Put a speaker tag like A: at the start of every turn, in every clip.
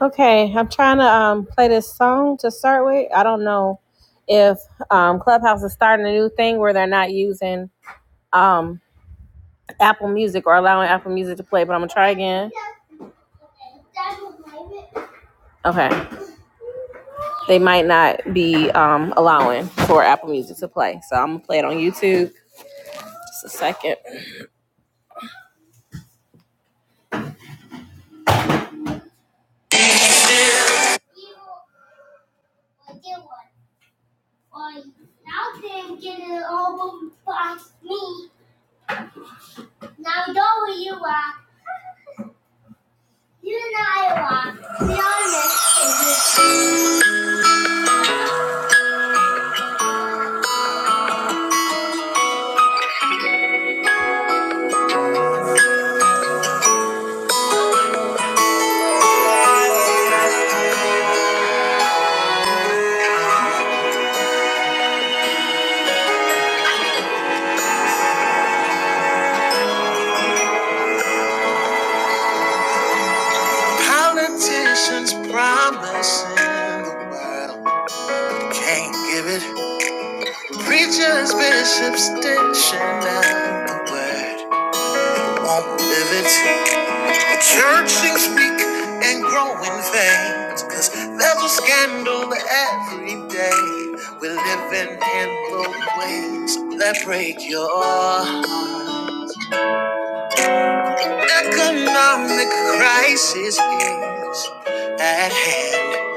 A: Okay, I'm trying to um, play this song to start with. I don't know if um, Clubhouse is starting a new thing where they're not using um, Apple Music or allowing Apple Music to play, but I'm gonna try again. Okay, they might not be um, allowing for Apple Music to play, so I'm gonna play it on YouTube. Just a second. Politicians promising the world can't give it. Preachers, bishops, dishing out the word. My pivots, church things speak and grow in veins. Cause there's a scandal every day. We're living in the ways that break your heart. Economic crisis is at hand.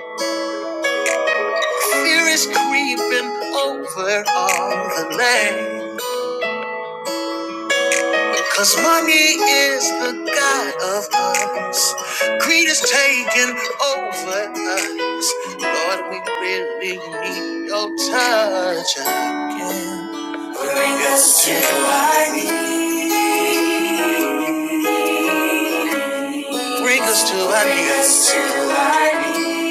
A: Fear is creeping over all the land. Cause money is the god of us. Greed is taking over us. Lord, we really need your touch again. Bring us to our knees. Bring us to our Bring us knees. to our knees.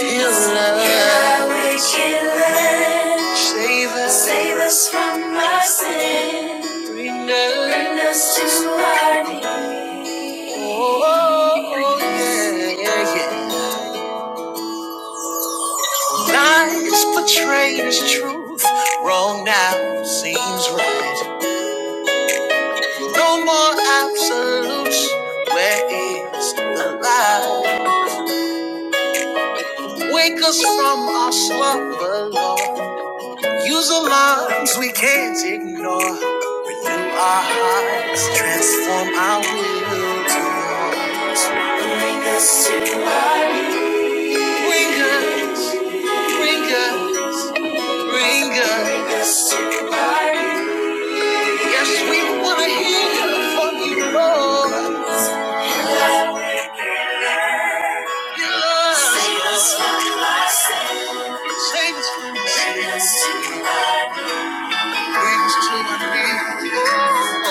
A: Heal us. Heal our wickedness. Save us. Save us from our sin. Bring us. Bring us to our knees. Oh, oh, oh, yeah, yeah, yeah. Lies portrayed as truth. Wrong now seems right. No more absolutes. Where is the lie? Wake us from our slumber, Lord. Use alarms we can't ignore. Renew our hearts. Transform our will to yours. Bring us, bring us. bring us. Bringer. Yes, we wanna hear from you, Lord. Your the Bring us to our knees.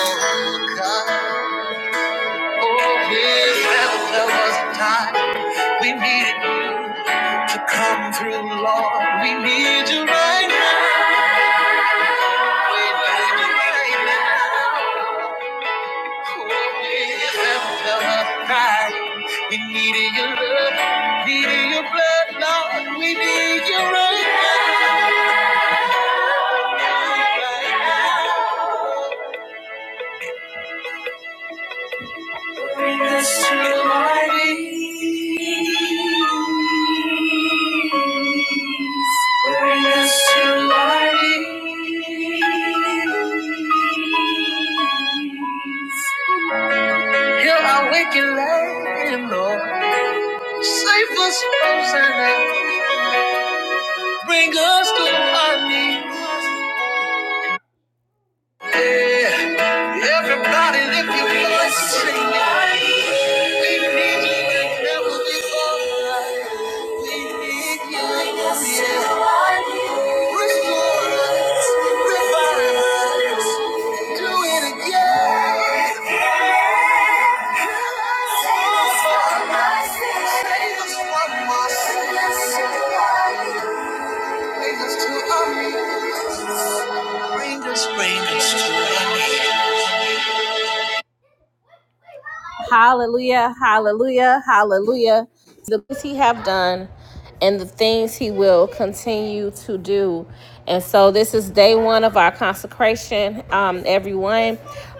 A: Oh, oh, God. Yeah, there was time we needed you to come through, Lord. We need you right now. We need you right now. We needed your love, needed your blood, Lord. We need you right now. Bring us to our knees. Bring us to our knees. Hear my wicked lame, Lord. Save us from sin. Bring us to our knees. Yeah. Everybody lift your voice and sing it. We need you like never before. We need you. Yeah. Restore us. Revive us. Do it again. Bring us, bring us to an end. Hallelujah, hallelujah, hallelujah. The things he have done and the things he will continue to do. And so this is day one of our consecration, um, everyone.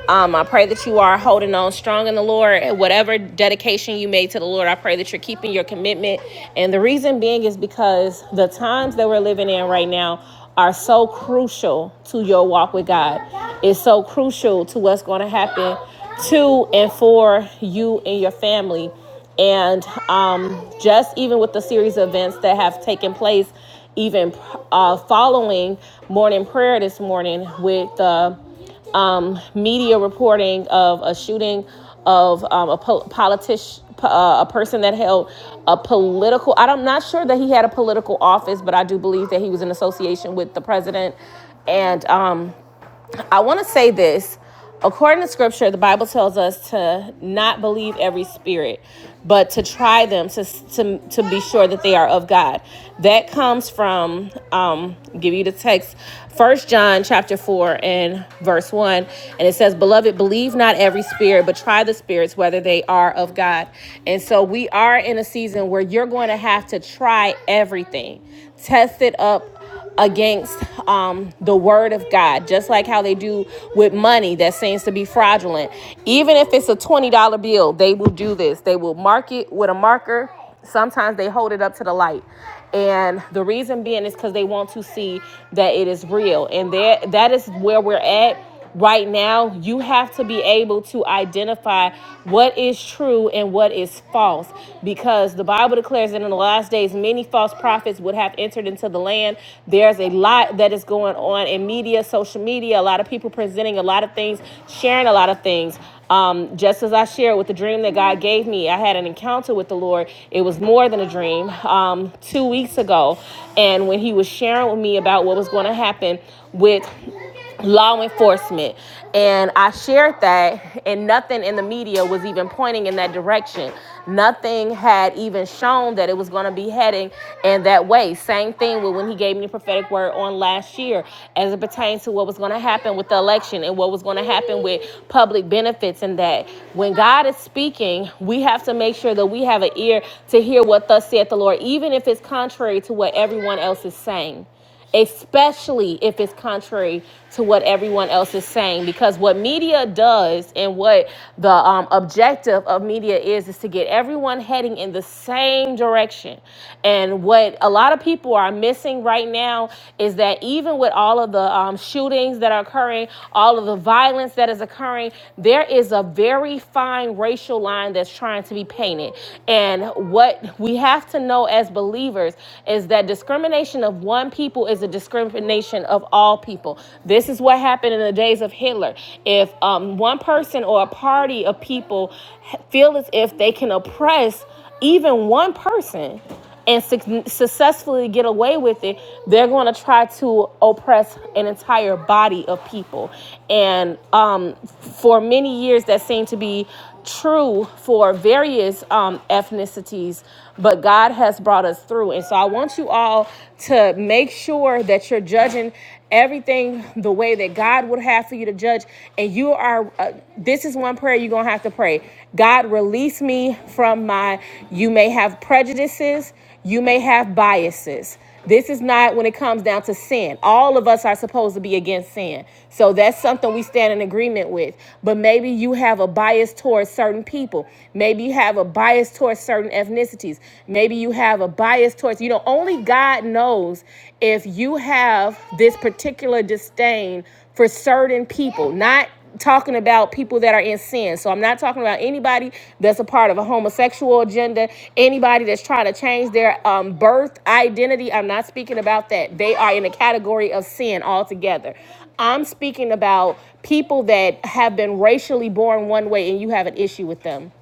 A: Um, I pray that you are holding on strong in the Lord. And Whatever dedication you made to the Lord, I pray that you're keeping your commitment. And the reason being is because the times that we're living in right now are so crucial to your walk with God. It's so crucial to what's going to happen to and for you and your family. And um, just even with the series of events that have taken place, even uh, following morning prayer this morning with the um, media reporting of a shooting of um, a po- politician, uh, a person that held a political. I'm not sure that he had a political office, but I do believe that he was in association with the president, and um, I want to say this. According to scripture, the Bible tells us to not believe every spirit, but to try them to, to, to be sure that they are of God. That comes from, um, give you the text, First John chapter 4 and verse 1. And it says, Beloved, believe not every spirit, but try the spirits whether they are of God. And so we are in a season where you're going to have to try everything, test it up against um, the word of God, just like how they do with money that seems to be fraudulent. Even if it's a $20 bill, they will do this. They will mark it with a marker. Sometimes they hold it up to the light. And the reason being is because they want to see that it is real. And that, that is where we're at right now you have to be able to identify what is true and what is false because the bible declares that in the last days many false prophets would have entered into the land there's a lot that is going on in media social media a lot of people presenting a lot of things sharing a lot of things um, just as I shared with the dream that God gave me, I had an encounter with the Lord. It was more than a dream um, two weeks ago. And when He was sharing with me about what was going to happen with law enforcement. And I shared that, and nothing in the media was even pointing in that direction. Nothing had even shown that it was going to be heading in that way. Same thing with when he gave me the prophetic word on last year as it pertains to what was going to happen with the election and what was going to happen with public benefits and that. When God is speaking, we have to make sure that we have an ear to hear what thus saith the Lord, even if it's contrary to what everyone else is saying especially if it's contrary to what everyone else is saying because what media does and what the um, objective of media is is to get everyone heading in the same direction and what a lot of people are missing right now is that even with all of the um, shootings that are occurring all of the violence that is occurring there is a very fine racial line that's trying to be painted and what we have to know as believers is is that discrimination of one people is a discrimination of all people. This is what happened in the days of Hitler. If um, one person or a party of people feel as if they can oppress even one person and suc successfully get away with it, they're going to try to oppress an entire body of people. And um, for many years, that seemed to be true for various um, ethnicities, but God has brought us through. And so I want you all to make sure that you're judging everything the way that God would have for you to judge. And you are, uh, this is one prayer you're going to have to pray God, release me from my, you may have prejudices. You may have biases. This is not when it comes down to sin. All of us are supposed to be against sin. So that's something we stand in agreement with. But maybe you have a bias towards certain people. Maybe you have a bias towards certain ethnicities. Maybe you have a bias towards, you know, only God knows if you have this particular disdain for certain people, not talking about people that are in sin. So I'm not talking about anybody that's a part of a homosexual agenda, anybody that's trying to change their um, birth identity. I'm not speaking about that. They are in a category of sin altogether. I'm speaking about people that have been racially born one way and you have an issue with them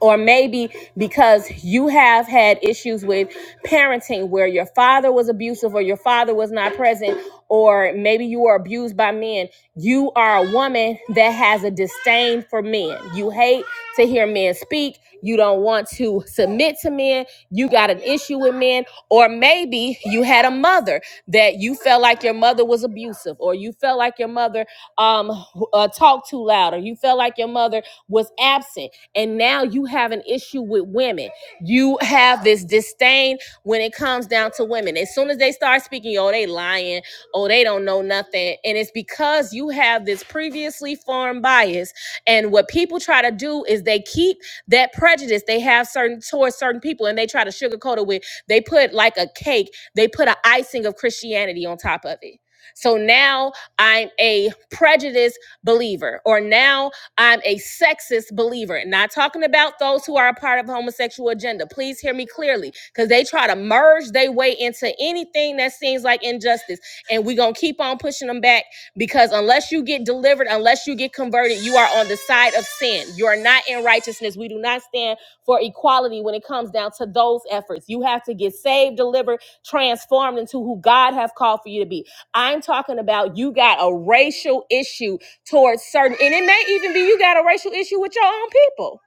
A: or maybe because you have had issues with parenting where your father was abusive or your father was not present or maybe you were abused by men you are a woman that has a disdain for men you hate to hear men speak you don't want to submit to men you got an issue with men or maybe you had a mother that you felt like your mother was abusive or you felt like your mother um uh, talked too loud or you felt like your mother was absent and now you have an issue with women. You have this disdain when it comes down to women. As soon as they start speaking, oh, they lying, oh, they don't know nothing. And it's because you have this previously formed bias. And what people try to do is they keep that prejudice they have certain towards certain people and they try to sugarcoat it with they put like a cake, they put an icing of Christianity on top of it. So now I'm a prejudiced believer, or now I'm a sexist believer. Not talking about those who are a part of the homosexual agenda. Please hear me clearly, because they try to merge their way into anything that seems like injustice, and we're gonna keep on pushing them back because unless you get delivered, unless you get converted, you are on the side of sin. You are not in righteousness. We do not stand for equality when it comes down to those efforts. You have to get saved, delivered, transformed into who God has called for you to be. I'm talking about you got a racial issue towards certain and it may even be you got a racial issue with your own people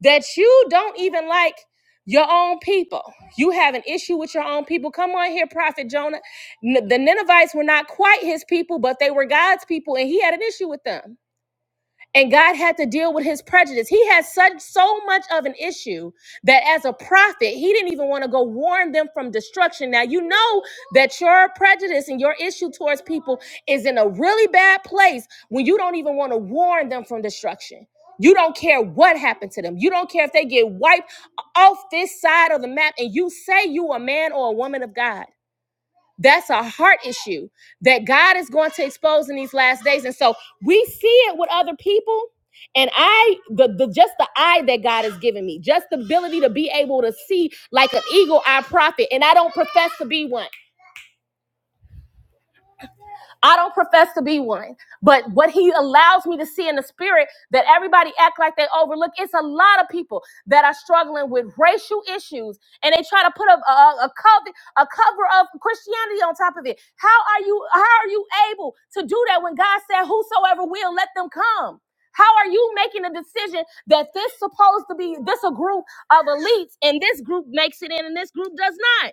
A: that you don't even like your own people you have an issue with your own people come on here prophet jonah N- the ninevites were not quite his people but they were god's people and he had an issue with them and God had to deal with his prejudice. He had such so much of an issue that as a prophet, he didn't even want to go warn them from destruction. Now you know that your prejudice and your issue towards people is in a really bad place when you don't even want to warn them from destruction. You don't care what happened to them. You don't care if they get wiped off this side of the map and you say you a man or a woman of God. That's a heart issue that God is going to expose in these last days. And so we see it with other people. And I, the, the just the eye that God has given me, just the ability to be able to see like an eagle eye prophet. And I don't profess to be one. I don't profess to be one, but what he allows me to see in the spirit that everybody act like they overlook. It's a lot of people that are struggling with racial issues, and they try to put a a, a cover a cover of Christianity on top of it. How are you? How are you able to do that when God said, "Whosoever will, let them come." How are you making a decision that this supposed to be this a group of elites and this group makes it in and this group does not?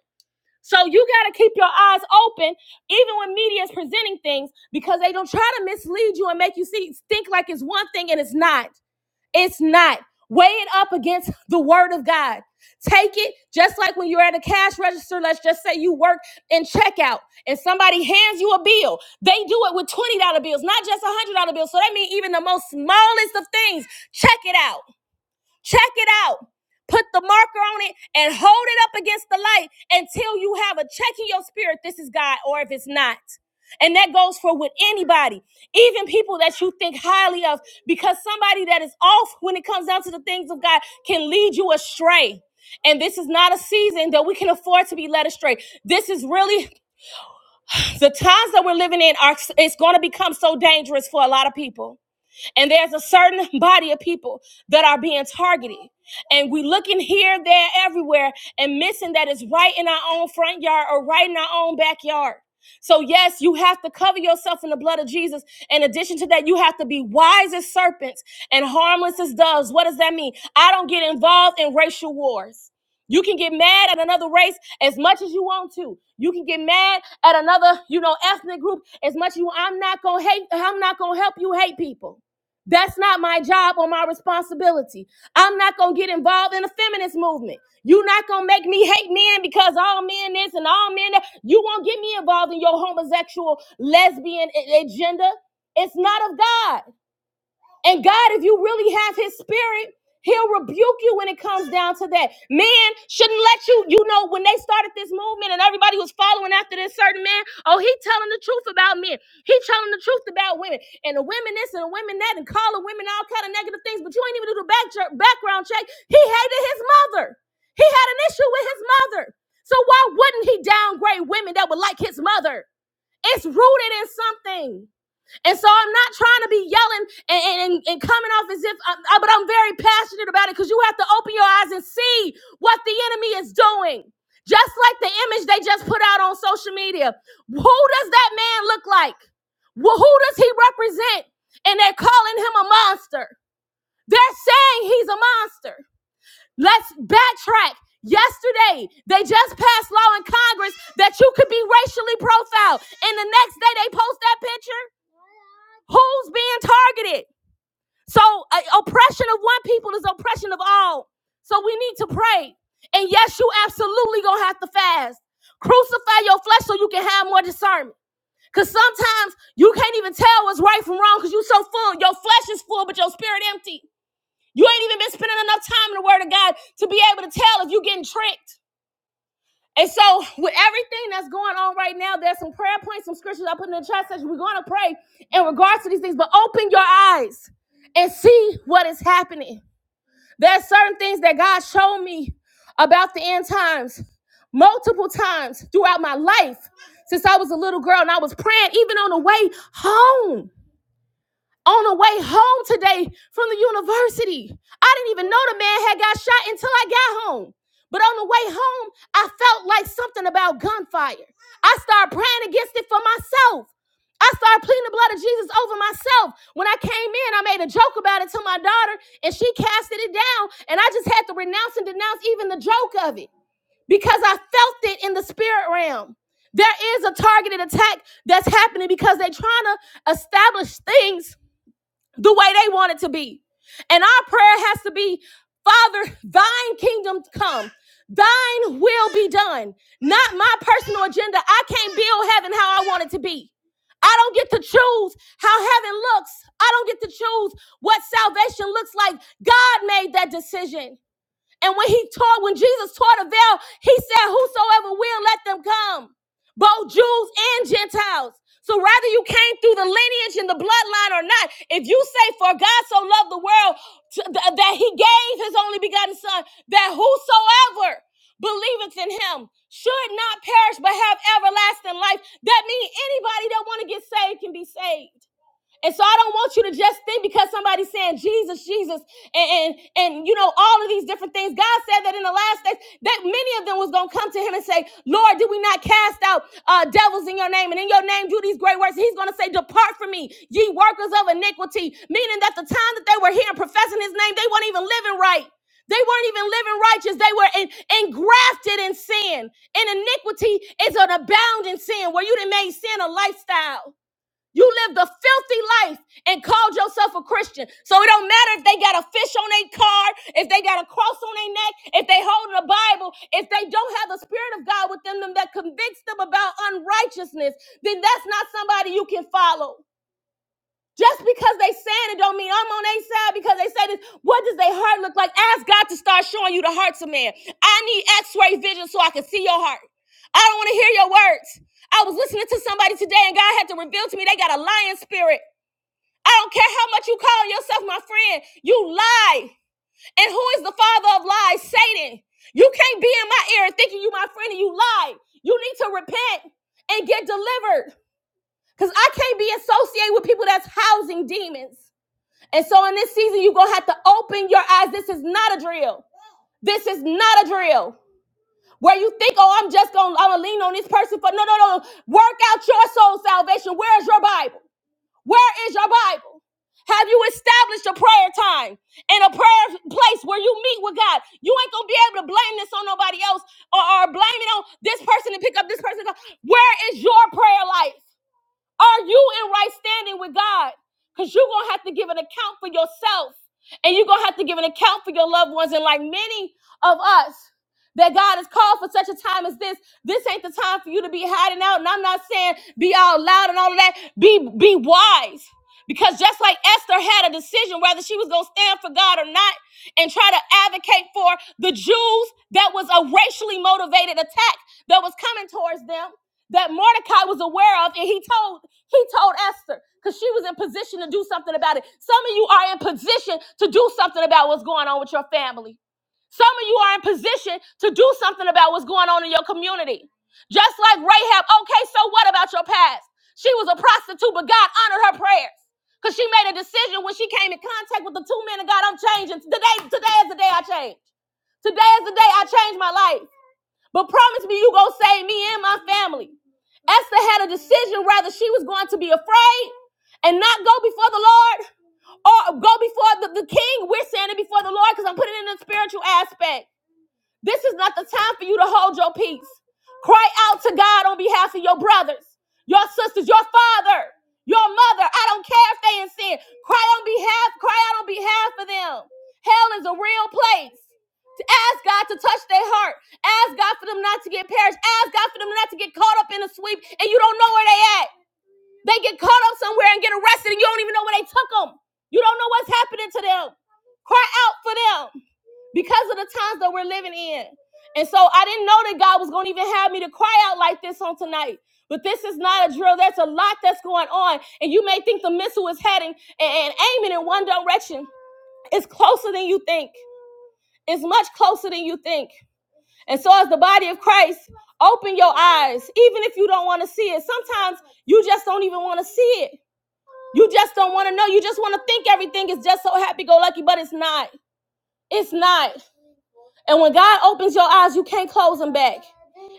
A: So you got to keep your eyes open, even when media is presenting things, because they don't try to mislead you and make you see think like it's one thing and it's not. It's not. Weigh it up against the word of God. Take it just like when you're at a cash register. Let's just say you work in checkout and somebody hands you a bill. They do it with $20 bills, not just $100 bills. So that means even the most smallest of things, check it out. Check it out. Put the marker on it and hold it up against the light until you have a check in your spirit. This is God, or if it's not. And that goes for with anybody, even people that you think highly of, because somebody that is off when it comes down to the things of God can lead you astray. And this is not a season that we can afford to be led astray. This is really the times that we're living in are it's going to become so dangerous for a lot of people and there's a certain body of people that are being targeted. And we looking here, there, everywhere, and missing that it's right in our own front yard or right in our own backyard. So, yes, you have to cover yourself in the blood of Jesus. In addition to that, you have to be wise as serpents and harmless as doves. What does that mean? I don't get involved in racial wars. You can get mad at another race as much as you want to. You can get mad at another, you know, ethnic group as much as you. want. I'm not gonna hate. I'm not gonna help you hate people. That's not my job or my responsibility. I'm not going to get involved in the feminist movement. You're not going to make me hate men because all men this and all men that. You won't get me involved in your homosexual, lesbian agenda. It's not of God. And God, if you really have his spirit, he'll rebuke you when it comes down to that. Man shouldn't let you, you know, when they started this movement and everybody was following after this certain man, oh, he telling the truth about men. He telling the truth about women. And the women this and the women that and calling women all kind of negative things, but you ain't even do the back check, background check. He hated his mother. He had an issue with his mother. So why wouldn't he downgrade women that were like his mother? It's rooted in something. And so I'm not trying to be yelling and, and, and- coming off as if, I'm, I- but I'm very passionate about it because you have to open your eyes and see what the enemy is doing. Just like the image they just put out on social media. Who does that man look like? Well, Who does he represent? And they're calling him a monster. They're saying he's a monster. Let's backtrack. Yesterday, they just passed law in Congress that you could be racially profiled. And the next day, they post that picture. Who's being targeted? So, uh, oppression of one people is oppression of all. So, we need to pray. And yes, you absolutely gonna have to fast. Crucify your flesh so you can have more discernment. Because sometimes you can't even tell what's right from wrong because you're so full. Your flesh is full, but your spirit empty. You ain't even been spending enough time in the Word of God to be able to tell if you're getting tricked. And so, with everything that's going on right now, there's some prayer points, some scriptures I put in the chat section. We're going to pray in regards to these things, but open your eyes and see what is happening. There's certain things that God showed me about the end times multiple times throughout my life since I was a little girl, and I was praying even on the way home on the way home today from the university. I didn't even know the man had got shot until I got home. But on the way home, I felt like something about gunfire. I started praying against it for myself. I started pleading the blood of Jesus over myself. When I came in, I made a joke about it to my daughter, and she casted it down. And I just had to renounce and denounce even the joke of it because I felt it in the spirit realm. There is a targeted attack that's happening because they're trying to establish things the way they want it to be. And our prayer has to be Father, thine kingdom come, thine will be done. Not my personal agenda. I can't build heaven how I want it to be. I don't get to choose how heaven looks. I don't get to choose what salvation looks like. God made that decision. And when he taught, when Jesus taught a veil, he said, Whosoever will, let them come, both Jews and Gentiles. So rather you came through the lineage and the bloodline or not, if you say, For God so loved the world that he gave his only begotten Son, that whosoever believeth in him should not perish but have everlasting life, that means anybody that want to get saved can be saved. And so I don't want you to just think because somebody's saying Jesus, Jesus, and, and and you know all of these different things. God said that in the last days that many of them was gonna come to him and say, Lord, did we not cast out uh, devils in your name and in your name do these great works? He's gonna say, Depart from me, ye workers of iniquity, meaning that the time that they were here and professing his name, they weren't even living right. They weren't even living righteous. They were in, engrafted in sin. And iniquity is an abounding sin where you done made sin a lifestyle. You lived a filthy life and called yourself a Christian. So it don't matter if they got a fish on their card, if they got a cross on their neck, if they holding a Bible, if they don't have the Spirit of God within them that convicts them about unrighteousness, then that's not somebody you can follow. Just because they saying it don't mean I'm on their side because they say this. What does their heart look like? Ask God to start showing you the hearts of man. I need x-ray vision so I can see your heart. I don't want to hear your words. I was listening to somebody today and God had to reveal to me they got a lion spirit. I don't care how much you call yourself my friend. You lie. And who is the father of lies? Satan. You can't be in my ear thinking you my friend and you lie. You need to repent and get delivered. Because I can't be associated with people that's housing demons. And so in this season, you're gonna have to open your eyes. This is not a drill. This is not a drill. Where you think, oh, I'm just gonna, I'm gonna lean on this person for no, no, no. Work out your soul salvation. Where is your Bible? Where is your Bible? Have you established a prayer time and a prayer place where you meet with God? You ain't gonna be able to blame this on nobody else or, or blame it on this person to pick up this person. Where is your prayer life? Are you in right standing with God? Because you're going to have to give an account for yourself and you're going to have to give an account for your loved ones. And like many of us, that God has called for such a time as this. This ain't the time for you to be hiding out. And I'm not saying be out loud and all of that. Be be wise. Because just like Esther had a decision whether she was going to stand for God or not and try to advocate for the Jews, that was a racially motivated attack that was coming towards them that Mordecai was aware of, and he told he told Esther because she was in position to do something about it. Some of you are in position to do something about what's going on with your family. Some of you are in position to do something about what's going on in your community. Just like Rahab, okay, so what about your past? She was a prostitute, but God honored her prayers because she made a decision when she came in contact with the two men of God. I'm changing today. Today is the day I change. Today is the day I change my life. But promise me you gonna save me and my family. Esther had a decision whether she was going to be afraid and not go before the Lord or go before the, the king. We're saying it before the Lord because I'm putting it in the spiritual aspect. This is not the time for you to hold your peace. Cry out to God on behalf of your brothers, your sisters, your father, your mother. I don't care if they in sin. Cry on behalf, cry out on behalf of them. Hell is a real place. ask God to touch their heart. Ask God for them not to get perished. Ask God for them not to get caught up in a sweep and you don't know where they at. They get caught up somewhere and get arrested and you don't even know where they took them. You don't know what's happening to them. Cry out for them because of the times that we're living in. And so I didn't know that God was going to even have me to cry out like this on tonight. But this is not a drill. There's a lot that's going on. And you may think the missile is heading and, and aiming in one direction. It's closer than you think, it's much closer than you think. And so, as the body of Christ, open your eyes, even if you don't want to see it. Sometimes you just don't even want to see it. You just don't want to know. You just want to think everything is just so happy go lucky, but it's not. It's not. And when God opens your eyes, you can't close them back.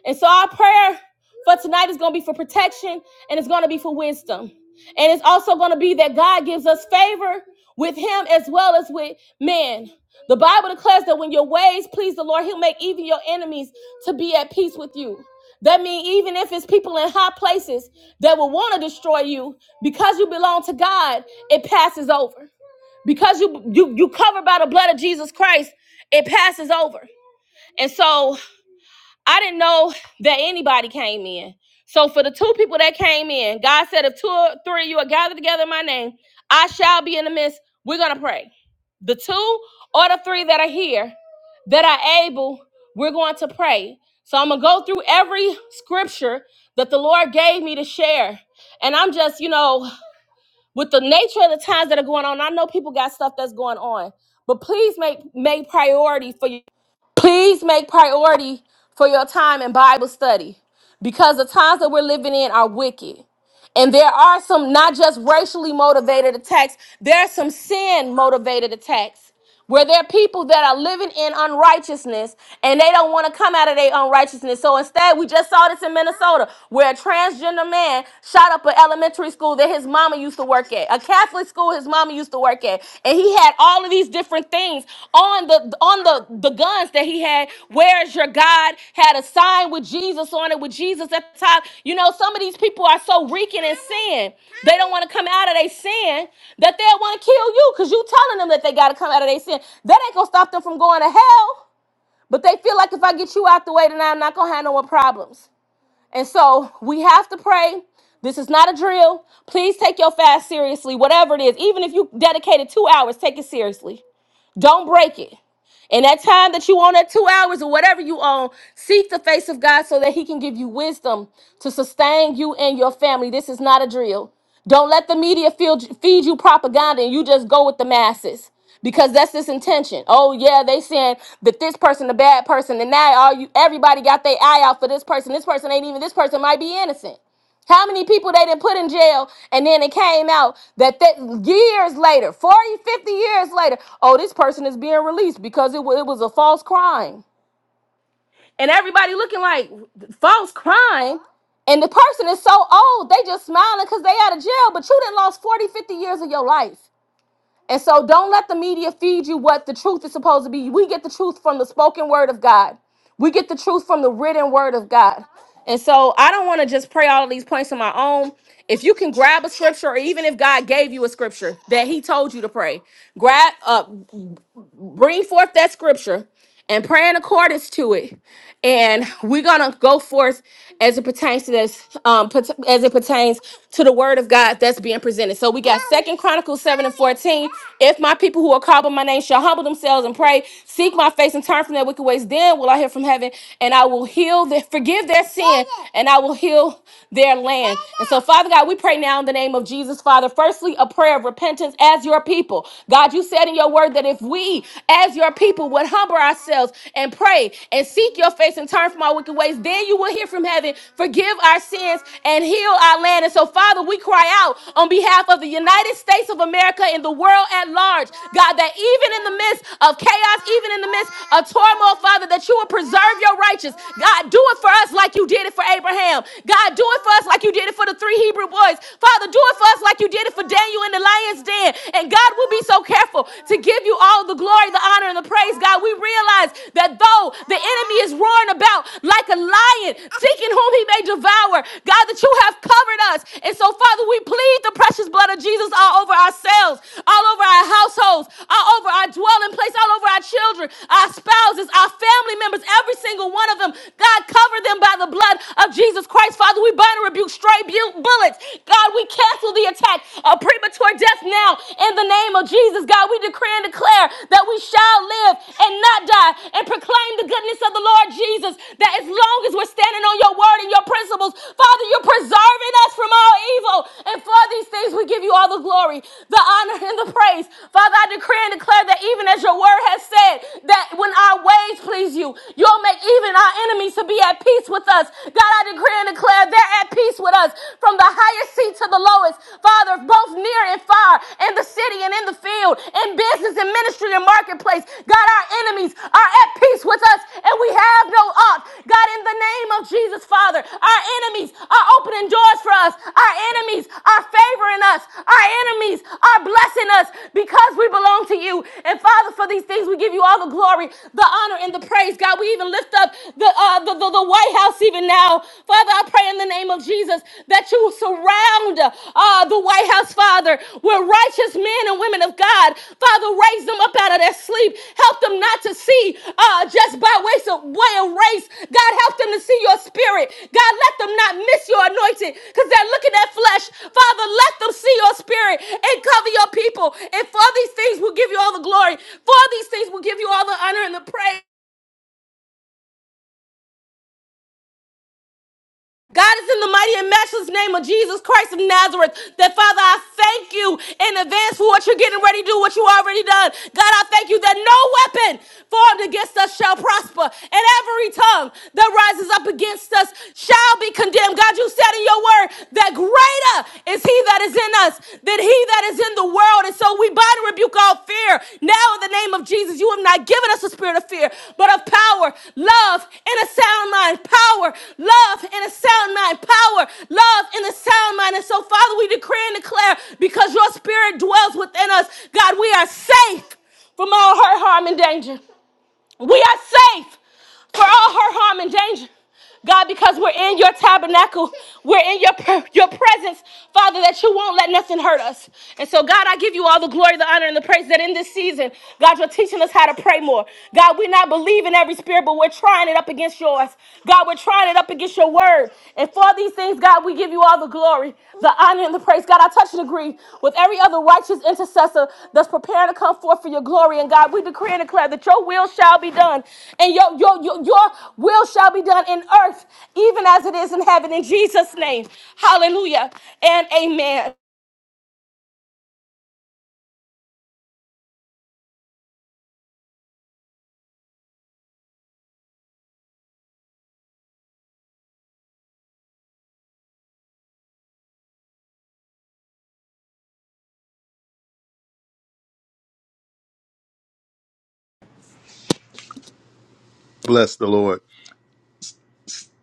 A: And so our prayer for tonight is going to be for protection and it's going to be for wisdom. And it's also going to be that God gives us favor with him as well as with men. The Bible declares that when your ways please the Lord, he'll make even your enemies to be at peace with you. That means even if it's people in high places that will want to destroy you, because you belong to God, it passes over. Because you you you covered by the blood of Jesus Christ, it passes over. And so I didn't know that anybody came in. So for the two people that came in, God said, if two or three of you are gathered together in my name, I shall be in the midst. We're going to pray. The two or the three that are here that are able, we're going to pray. So I'm going to go through every scripture that the Lord gave me to share. And I'm just, you know, with the nature of the times that are going on, I know people got stuff that's going on, but please make make priority for your Please make priority for your time in Bible study because the times that we're living in are wicked. And there are some not just racially motivated attacks, there are some sin motivated attacks where there are people that are living in unrighteousness and they don't want to come out of their unrighteousness. So instead, we just saw this in Minnesota where a transgender man shot up an elementary school that his mama used to work at, a Catholic school his mama used to work at. And he had all of these different things on the, on the the guns that he had where's your god had a sign with jesus on it with jesus at the top you know some of these people are so reeking in sin they don't want to come out of their sin that they'll want to kill you because you telling them that they got to come out of their sin that ain't gonna stop them from going to hell but they feel like if i get you out the way then i'm not gonna have no more problems and so we have to pray this is not a drill. Please take your fast seriously, whatever it is. Even if you dedicated two hours, take it seriously. Don't break it. And that time that you own, that two hours or whatever you own, seek the face of God so that He can give you wisdom to sustain you and your family. This is not a drill. Don't let the media feed, feed you propaganda and you just go with the masses because that's this intention. Oh yeah, they saying that this person a bad person, and now all you everybody got their eye out for this person. This person ain't even this person might be innocent. How many people they didn't put in jail and then it came out that, that years later, 40, 50 years later, oh, this person is being released because it, wa- it was a false crime. And everybody looking like false crime. And the person is so old, they just smiling because they out of jail, but you did lost 40, 50 years of your life. And so don't let the media feed you what the truth is supposed to be. We get the truth from the spoken word of God. We get the truth from the written word of God. And so I don't want to just pray all of these points on my own. If you can grab a scripture, or even if God gave you a scripture that He told you to pray, grab up bring forth that scripture and pray in accordance to it. And we're gonna go forth as it pertains to this, um, pat- as it pertains to the word of God that's being presented. So we got Second Chronicles seven and fourteen. If my people who are called by my name shall humble themselves and pray, seek my face and turn from their wicked ways, then will I hear from heaven and I will heal their, forgive their sin, and I will heal their land. And so, Father God, we pray now in the name of Jesus, Father. Firstly, a prayer of repentance as your people people. God, you said in your word that if we, as your people, would humble ourselves and pray and seek your face and turn from our wicked ways, then you will hear from heaven, forgive our sins, and heal our land. And so, Father, we cry out on behalf of the United States of America and the world at large, God, that even in the midst of chaos, even in the midst of turmoil, Father, that you will preserve your righteous. God, do it for us like you did it for Abraham. God, do it for us like you did it for the three Hebrew boys. Father, do it for us like you did it for put Daniel in the lion's den. And God will be so careful to give you all the glory, the honor, and the praise, God. We realize that though the enemy is roaring about like a lion, seeking whom he may devour, God, that you have covered us. And so, Father, we plead the precious blood of Jesus all over ourselves, all over our households, all over our dwelling place, all over our children, our spouses, our family members, every single one of them. God, cover them by the blood of Jesus Christ. Father, we bind and rebuke stray bu- bullets bullets. God, we cancel the attack of premature death now in the name of Jesus. God, we decree and declare that we shall live and not die and proclaim the goodness of the Lord Jesus. That as long as we're standing on your word and your principles, Father, you're preserving us from all evil. And for these things, we give you all the glory, the honor, and the praise. Father, I decree and declare that even as your word has said, that when our ways please you, you'll make even our enemies to be at peace with us. God, I decree decree and declare they're at peace with us from the highest seat to the lowest. Father, both near and far, in the city and in the field, in business and ministry and marketplace. God, our enemies are at peace with us and we have no ought. God, in the name of Jesus, Father, our enemies are opening doors for us. Our enemies are favoring us. Our enemies are blessing us because we belong to you. And Father, for these things, we give you all the glory, the honor, and the praise. God, we even lift up the uh, uh, the, the, the White House even now. Father, I pray in the name of Jesus that you surround uh, the White House, Father, with righteous men and women of God. Father, raise them up out of their sleep. Help them not to see uh, just by way of, way of race. God, help them to see your spirit. God, let them not miss your anointing because they're looking at flesh. Father, let them see your spirit and cover your people. And for these things, we'll give you all the glory. For these things, we'll give you all the honor and the praise. God is in the mighty and matchless name of Jesus Christ of Nazareth. That Father, I thank you in advance for what you're getting ready to do, what you already done. God, I thank you that no weapon formed against us shall prosper, and every tongue that rises up against us shall be condemned. God, you said in your word that greater is he that is in us than he that that is in the world. And so we bind and rebuke all fear. Now, in the name of Jesus, you have not given us a spirit of fear, but of power, love, and a sound mind. Power, love, and a sound mind. Power, love, and a sound mind. And so, Father, we decree and declare because your spirit dwells within us, God, we are safe from all hurt, harm, and danger. We are safe for all her harm and danger. God, because we're in your tabernacle, we're in your, your presence, Father, that you won't let nothing hurt us. And so, God, I give you all the glory, the honor, and the praise that in this season, God, you're teaching us how to pray more. God, we're not believing every spirit, but we're trying it up against yours. God, we're trying it up against your word. And for these things, God, we give you all the glory, the honor, and the praise. God, I touch and agree with every other righteous intercessor that's preparing to come forth for your glory. And God, we decree and declare that your will shall be done, and your, your, your, your will shall be done in earth, even as it is in heaven. In Jesus' name, hallelujah and amen.
B: Bless the Lord.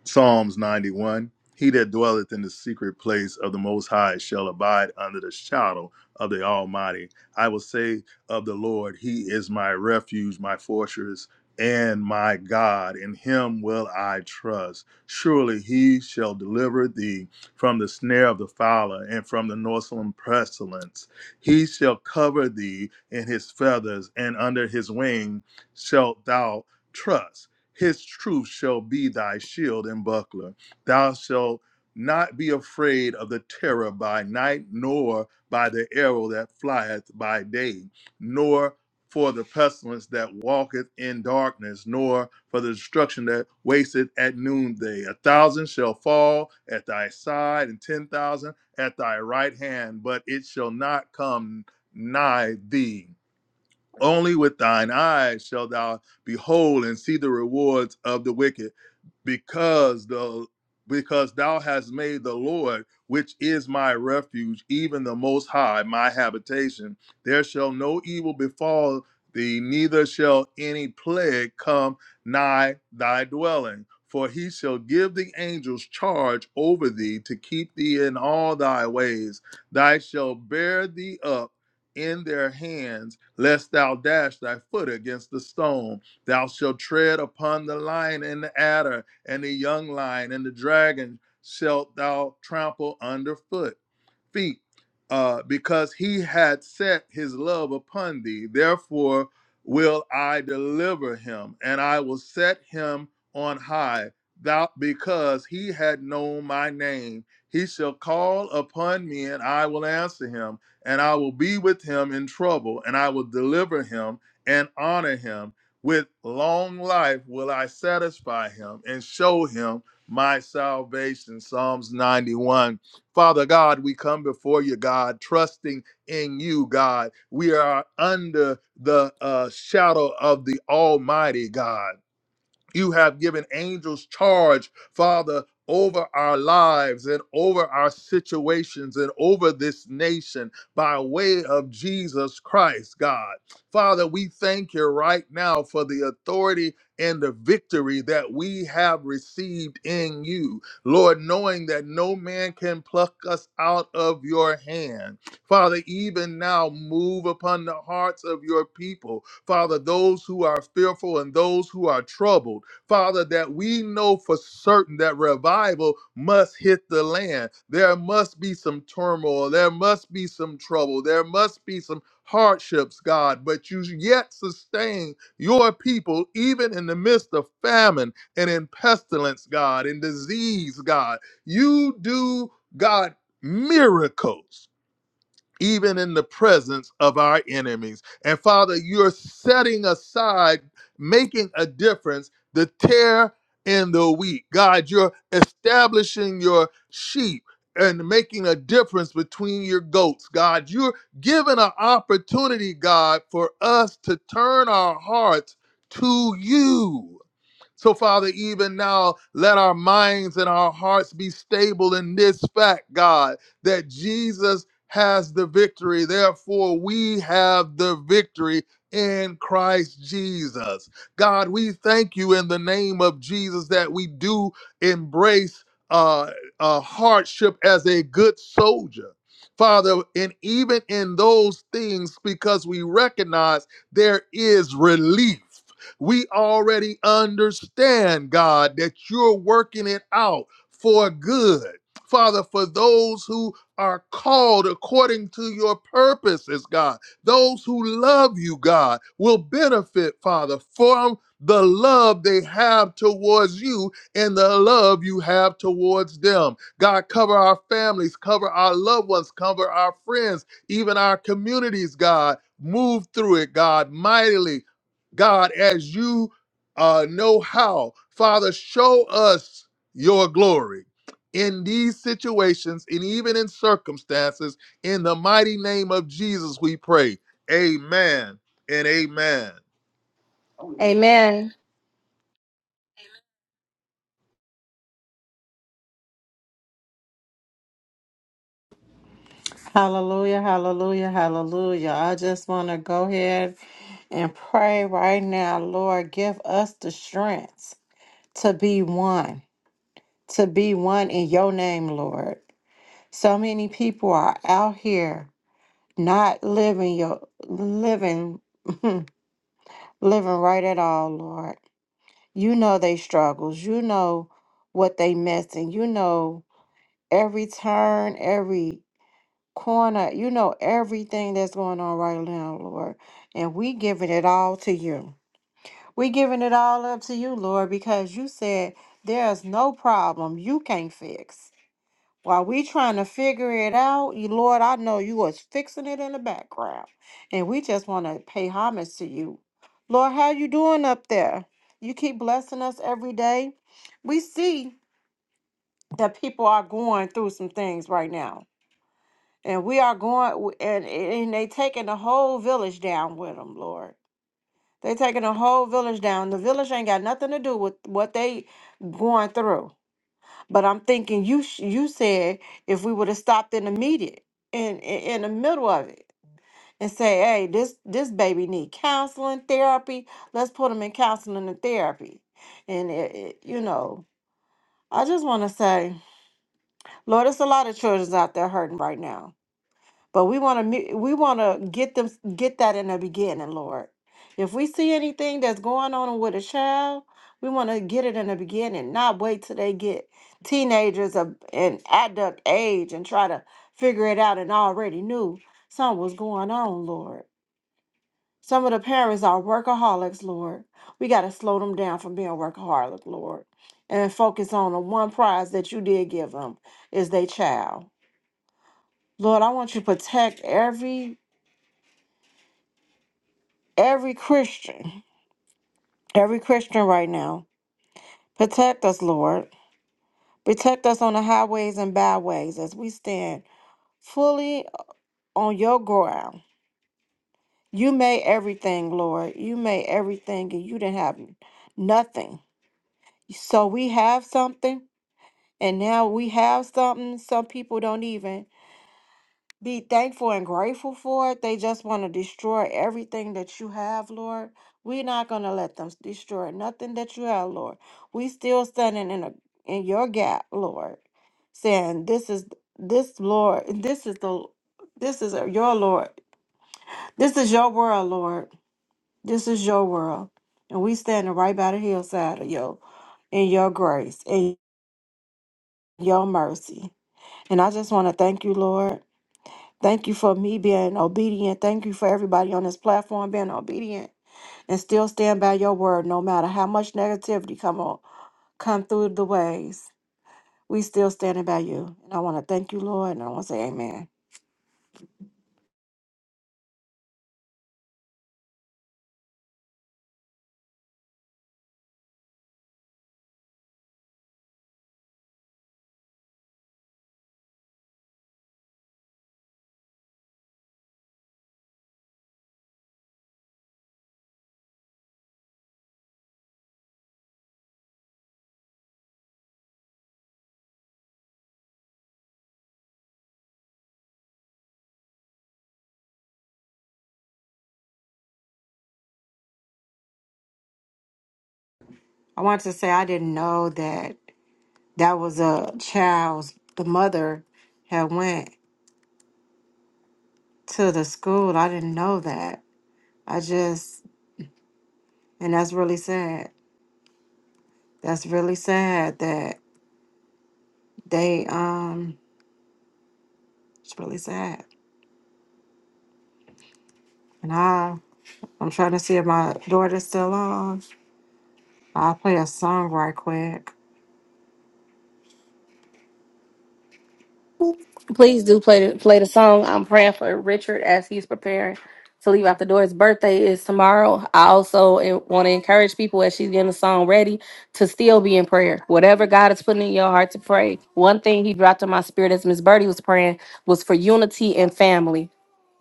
B: Psalms 91 He that dwelleth in the secret place of the Most High shall abide under the shadow of the Almighty. I will say of the Lord, He is my refuge, my fortress, and my God. In Him will I trust. Surely He shall deliver thee from the snare of the fowler and from the noisome pestilence. He shall cover thee in His feathers, and under His wing shalt thou trust his truth shall be thy shield and buckler. Thou shalt not be afraid of the terror by night, nor by the arrow that flieth by day, nor for the pestilence that walketh in darkness, nor for the destruction that wasteth at noonday. A thousand shall fall at thy side, and ten thousand at thy right hand, but it shall not come nigh thee. Only with thine eyes shalt thou behold and see the rewards of the wicked, because the because thou hast made the Lord, which is my refuge, even the Most High, my habitation. There shall no evil befall thee, neither shall any plague come nigh thy dwelling. For he shall give the angels charge over thee to keep thee in all thy ways. Thy shall bear thee up in their hands, lest thou dash thy foot against the stone. Thou shalt tread upon the lion and the adder, and the young lion and the dragon shalt thou trample underfoot feet, uh, because he had set his love upon thee. Therefore will I deliver him, and I will set him on high. Thou, because he had known my name, he shall call upon me, and I will answer him, and I will be with him in trouble, and I will deliver him and honor him. With long life will I satisfy him and show him my salvation. Psalms 91 Father God, we come before you, God, trusting in you, God. We are under the uh, shadow of the Almighty God. You have given angels charge, Father, over our lives and over our situations and over this nation by way of Jesus Christ, God. Father, we thank you right now for the authority and the victory that we have received in you, Lord, knowing that no man can pluck us out of your hand. Father, even now, move upon the hearts of your people. Father, those who are fearful and those who are troubled. Father, that we know for certain that revival must hit the land. There must be some turmoil. There must be some trouble. There must be some hardships, God, but you yet sustain your people even in the midst of famine and in pestilence, God, in disease, God. You do, God, miracles even in the presence of our enemies. And Father, you're setting aside, making a difference, the tear in the wheat. God, you're establishing your sheep and making a difference between your goats. God, you're giving an opportunity, God, for us to turn our hearts to you. So, Father, even now, let our minds and our hearts be stable in this fact, God, that Jesus has the victory. Therefore, we have the victory in Christ Jesus. God, we thank you in the name of Jesus that we do embrace uh, uh, hardship as a good soldier. Father, and even in those things, because we recognize there is relief. We already understand, God, that you're working it out for good. Father, for those who are called according to your purposes, God. Those who love you, God, will benefit, Father, from the love they have towards you and the love you have towards them. God, cover our families, cover our loved ones, cover our friends, even our communities, God. Move through it, God, mightily. God, as you uh, know how, Father, show us your glory in these situations and even in circumstances. In the mighty name of Jesus, we pray. Amen and amen.
A: Amen.
C: Hallelujah, hallelujah, hallelujah. I just want to go ahead and pray right now, Lord, give us the strength to be one, to be one in your name, Lord. So many people are out here not living your living living right at all, Lord. You know they struggles. You know what they missing. You know every turn, every corner. You know everything that's going on right now, Lord. And we giving it all to you. We giving it all up to you, Lord, because you said there's no problem you can't fix. While we trying to figure it out, you- Lord, I know you was fixing it in the background. And we just want to pay homage to you. Lord, how you doing up there? You keep blessing us every day. We see that people are going through some things right now and we are going, and, and they taking the whole village down with them, Lord. They taking the whole village down. The village ain't got nothing to do with what they going through. But I'm thinking, you sh- you said if we would have stopped in the media, in, in in the middle of it, and say, hey, this this baby need counseling, therapy. Let's put him in counseling and therapy. And it, it- you know, I just want to say, Lord, it's a lot of children out there hurting right now But we want to we want to get them get that in the beginning, Lord. If we see anything that's going on with a child, we want to get it in the beginning, not wait till they get teenagers of an adult age and try to figure it out and already knew something was going on, Lord. Some of the parents are workaholics, Lord. We got to slow them down from being workaholic, Lord, and focus on the one prize that you did give them is their child. Lord, I want you to protect every every Christian, every Christian right now. Protect us, Lord. Protect us on the highways and byways as we stand fully on your ground. You made everything, Lord. You made everything, and you didn't have nothing. So we have something, and now we have something. Some people don't even. be thankful and grateful for it. They just want to destroy everything that you have, Lord. We're not going to let them destroy nothing that you have, Lord. We still standing in a in your gap, Lord, saying this is this Lord, this is the this is your Lord. This is your world, Lord. This is your world. And we standing right by the hillside of your in your grace and your mercy. And I just want to thank you, Lord. Thank you for me being obedient. Thank you for everybody on this platform being obedient and still stand by your word no matter how much negativity come on come through the ways. We still standing by you. And I want to thank you, Lord, and I want to say amen. I want to say I didn't know that that was a child's the mother had went to the school. I didn't know that. I just and that's really sad. That's really sad that they um it's really sad. And I I'm trying to see if my daughter's still on. I'll play a song right quick.
A: Please do play the, play the song. I'm praying for Richard as he's preparing to leave out the door. His birthday is tomorrow. I also want to encourage people as she's getting the song ready to still be in prayer. Whatever God is putting in your heart to pray. One thing he dropped in my spirit as Miss Birdie was praying was for unity and family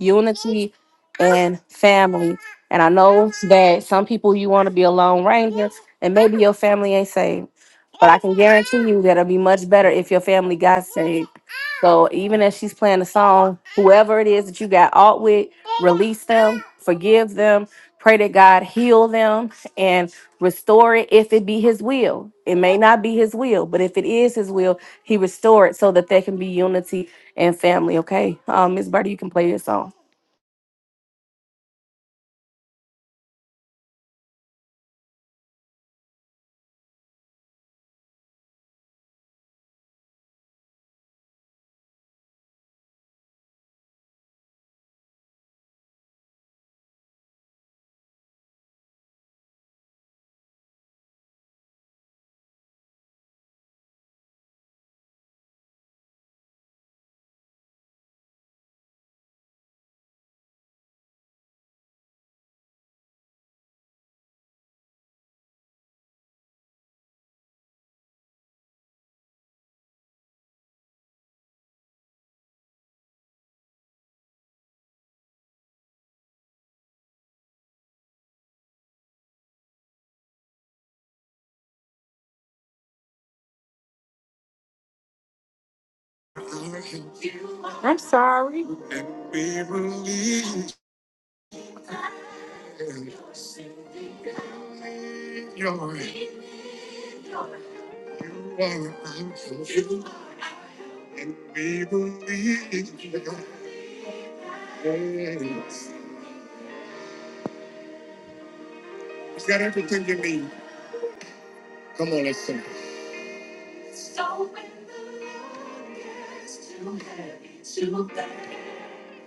A: unity and family. And I know that some people you want to be a lone ranger, and maybe your family ain't saved. But I can guarantee you that it'll be much better if your family got saved. So even as she's playing the song, whoever it is that you got alt with, release them, forgive them, pray that God heal them and restore it if it be his will. It may not be his will, but if it is his will, he restore it so that there can be unity and family. Okay. Um, Miss Birdie, you can play your song.
C: I'm sorry.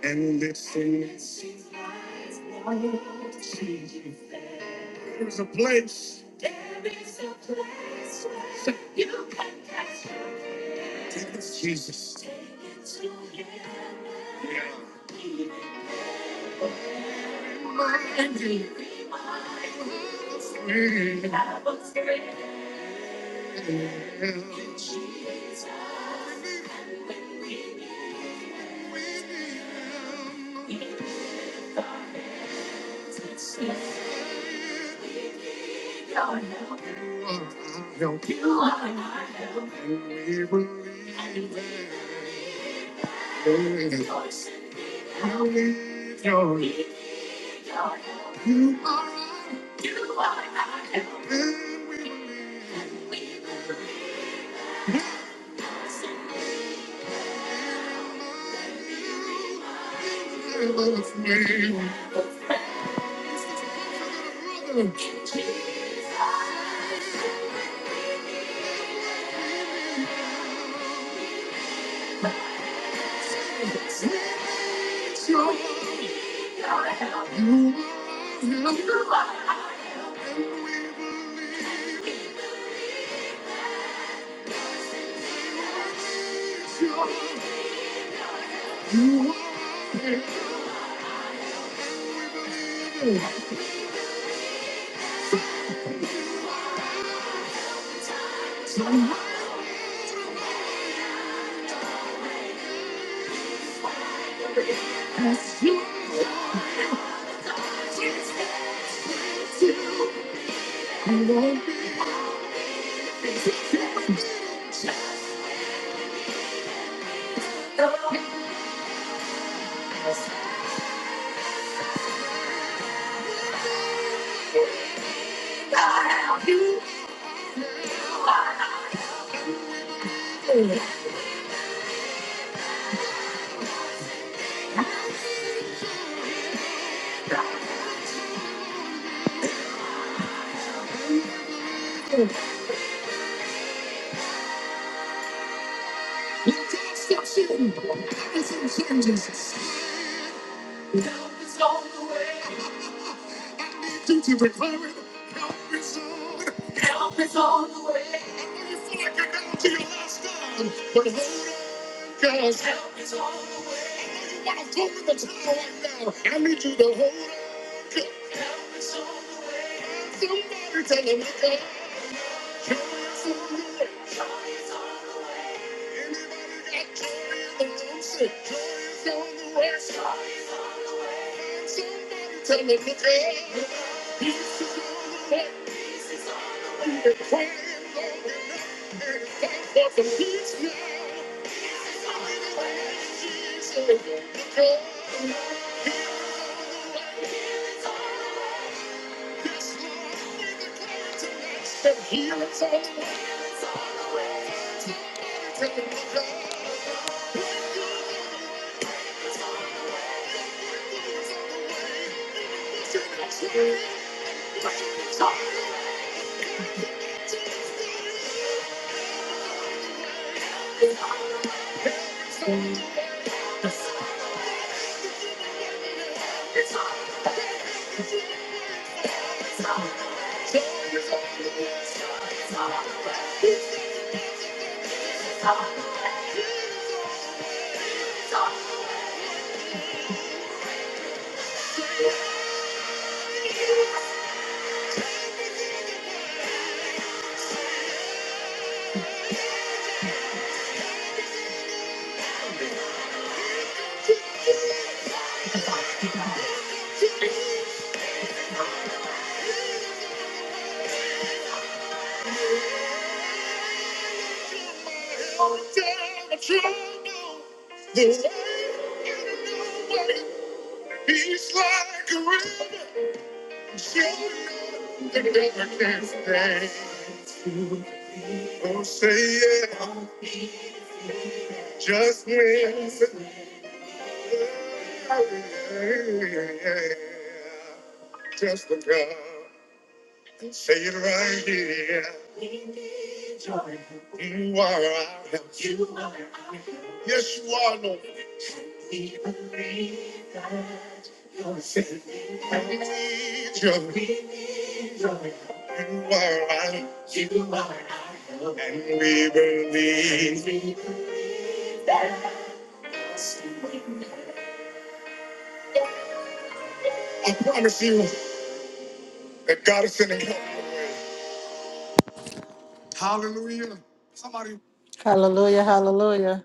C: And this is there's a place Say, Take this, Jesus. Yeah. Yeah. Help. You are my help. And We believe it. You We need your We need your help. You are our help. You are our help. And we believe And We will sing. You never fail. Brother. Jesus. We need you. You are here, and we believe. We need you. You are here, and we believe. Don't let me go. Yes, you don't just need to change the way I feel. You just don't see. You just can't see. Nothing's gone away. Duty you recover? Help is on. Help is on the way. I know you feel like you're going to your last stand, but hold on, guys. Help is on the way. I know you want to throw in the towel right now. I need you to hold on. 'Cause Help is on the way. Somebody tell him, But It's all the way. Take a look up. It's all the way. He's like a river, showing the river can't stay. Oh, say yeah, just wins. Just look up, say it right here. You are our help. You are our help. Yes, you are, Lord. We believe that you're safe. We need you. We need your help. You are our help. You are our help. And we believe. And we believe that I promise you that God is sending help your way. Hallelujah. Somebody. Hallelujah, hallelujah.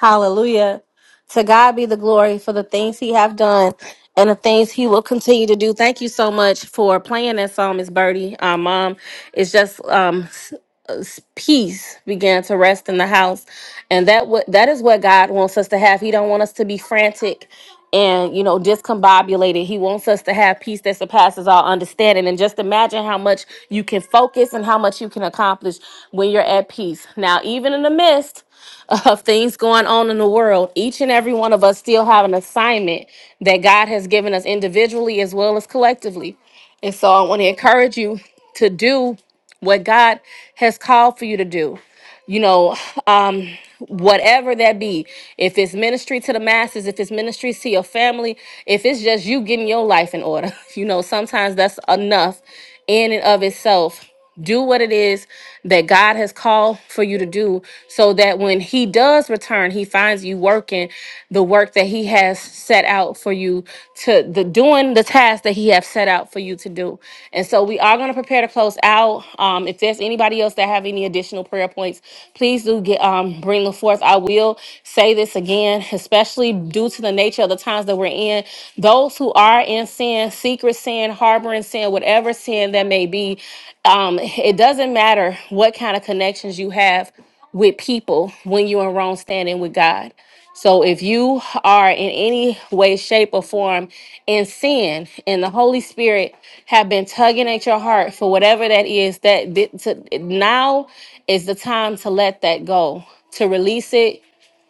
A: Hallelujah. To God be the glory for the things he have done and the things he will continue to do. Thank you so much for playing that song, Miss Birdie. Uh, Mom, it's just um s- uh, s- peace began to rest in the house. And that what that is what God wants us to have. He don't want us to be frantic and you know discombobulated. He wants us to have peace that surpasses all understanding. And just imagine how much you can focus and how much you can accomplish when you're at peace. Now, even in the midst of things going on in the world, each and every one of us still have an assignment that God has given us individually as well as collectively. And so I want to encourage you to do what God has called for you to do. You know, um, whatever that be if it's ministry to the masses if it's ministries to your family if it's just you getting your life in order you know sometimes that's enough in and of itself do what it is that god has called for you to do so that when he does return he finds you working the work that he has set out for you to the doing the task that he have set out for you to do. And so we are going to prepare to close out. Um, if there's anybody else that have any additional prayer points, please do get um, bring them forth. I will say this again, especially due to the nature of the times that we're in. Those who are in sin, secret sin, harboring sin, whatever sin that may be, um, it doesn't matter what kind of connections you have with people when you're in wrong standing with God. So if you are in any way, shape, or form in sin, and the Holy Spirit have been tugging at your heart for whatever that is, that that- to, now is the time to let that go, to release it,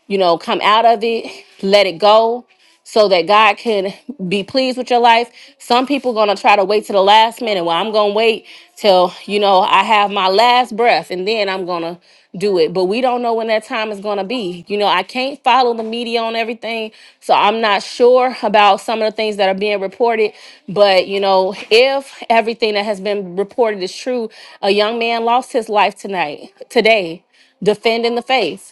A: you know, come out of it, let it go so that God can be pleased with your life. Some people going to try to wait to the last minute. Well, I'm going to wait till, you know, I have my last breath and then I'm going to do it. But we don't know when that time is going to be. You know, I can't follow the media on everything. So I'm not sure about some of the things that are being reported, but you know, if everything that has been reported is true, a young man lost his life tonight today defending the faith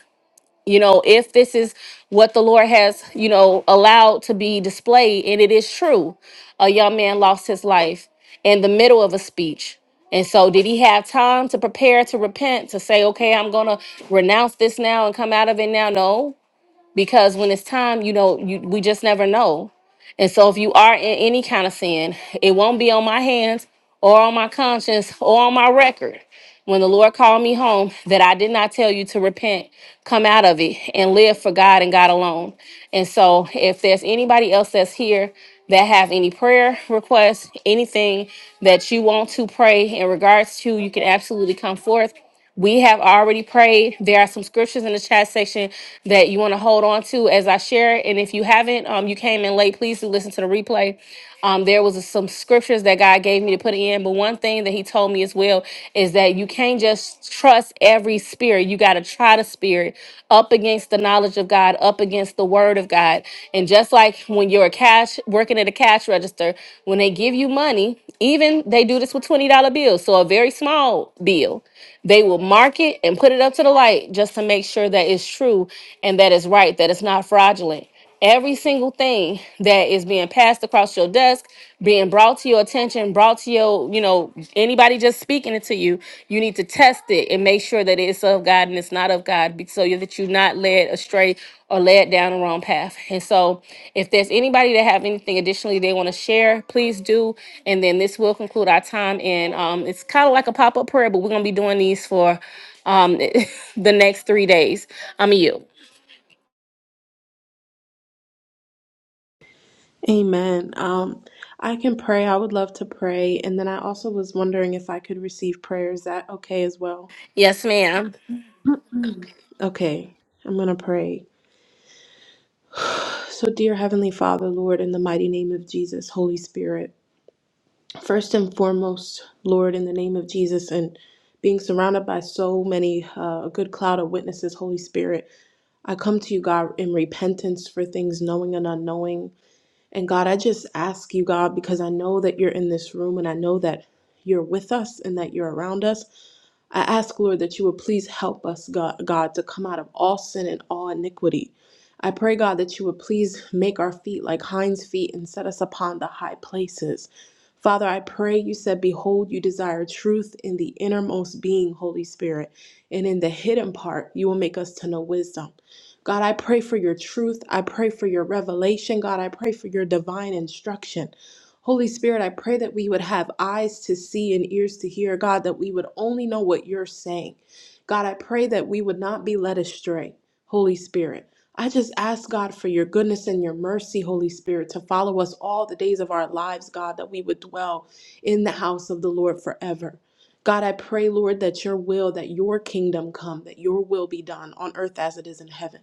A: you know if this is what the lord has you know allowed to be displayed and it is true a young man lost his life in the middle of a speech and so did he have time to prepare to repent to say okay i'm gonna renounce this now and come out of it now no because when it's time, you know, you we just never know. And so if you are in any kind of sin, it won't be on my hands or on my conscience or on my record. When the Lord called me home, that I did not tell you to repent, come out of it and live for God and God alone. And so if there's anybody else that's here that have any prayer requests, anything that you want to pray in regards to, you can absolutely come forth we have already prayed. There are some scriptures in the chat section that you want to hold on to as I share. And if you haven't, um, you came in late, please do listen to the replay. Um, there was some scriptures that God gave me to put in, but one thing that He told me as well is that you can't just trust every spirit. You got to try the spirit up against the knowledge of God, up against the Word of God. And just like when you're a cash working at a cash register, when they give you money, even they do this with $20 bills, so a very small bill, they will mark it and put it up to the light just to make sure that it's true and that it's right, that it's not fraudulent. Every single thing that is being passed across your desk, being brought to your attention, brought to your, you know, Anybody just speaking it to you, you need to test it and make sure that it's of God and it's not of God, be- so that you're not led astray or led down the wrong path. And so, if there's anybody that have anything additionally they want to share, please do. And then this will conclude our time. And um, it's kind of like a pop up prayer, but we're gonna be doing these for um, the next three days. I'm you.
D: Amen. Um, I can pray. I would love to pray. And then I also was wondering if I could receive prayer. Is that okay as well?
A: Yes, ma'am.
D: Okay, I'm going to pray. So, dear Heavenly Father, Lord, in the mighty name of Jesus, Holy Spirit, first and foremost, Lord, in the name of Jesus, and being surrounded by so many, uh, a good cloud of witnesses, Holy Spirit, I come to you, God, in repentance for things knowing and unknowing. And God, I just ask you, God, because I know that you're in this room and I know that you're with us and that you're around us. I ask, Lord, that you would please help us, God, God, to come out of all sin and all iniquity. I pray, God, that you would please make our feet like hinds' feet and set us upon the high places. Father, I pray you said, Behold, you desire truth in the innermost being, Holy Spirit, and in the hidden part, you will make us to know wisdom. God, I pray for your truth. I pray for your revelation. God, I pray for your divine instruction. Holy Spirit, I pray that we would have eyes to see and ears to hear, God, that we would only know what you're saying. God, I pray that we would not be led astray, Holy Spirit. I just ask God for your goodness and your mercy, Holy Spirit, to follow us all the days of our lives, God, that we would dwell in the house of the Lord forever. God, I pray, Lord, that your will, that your kingdom come, that your will be done on earth as it is in heaven.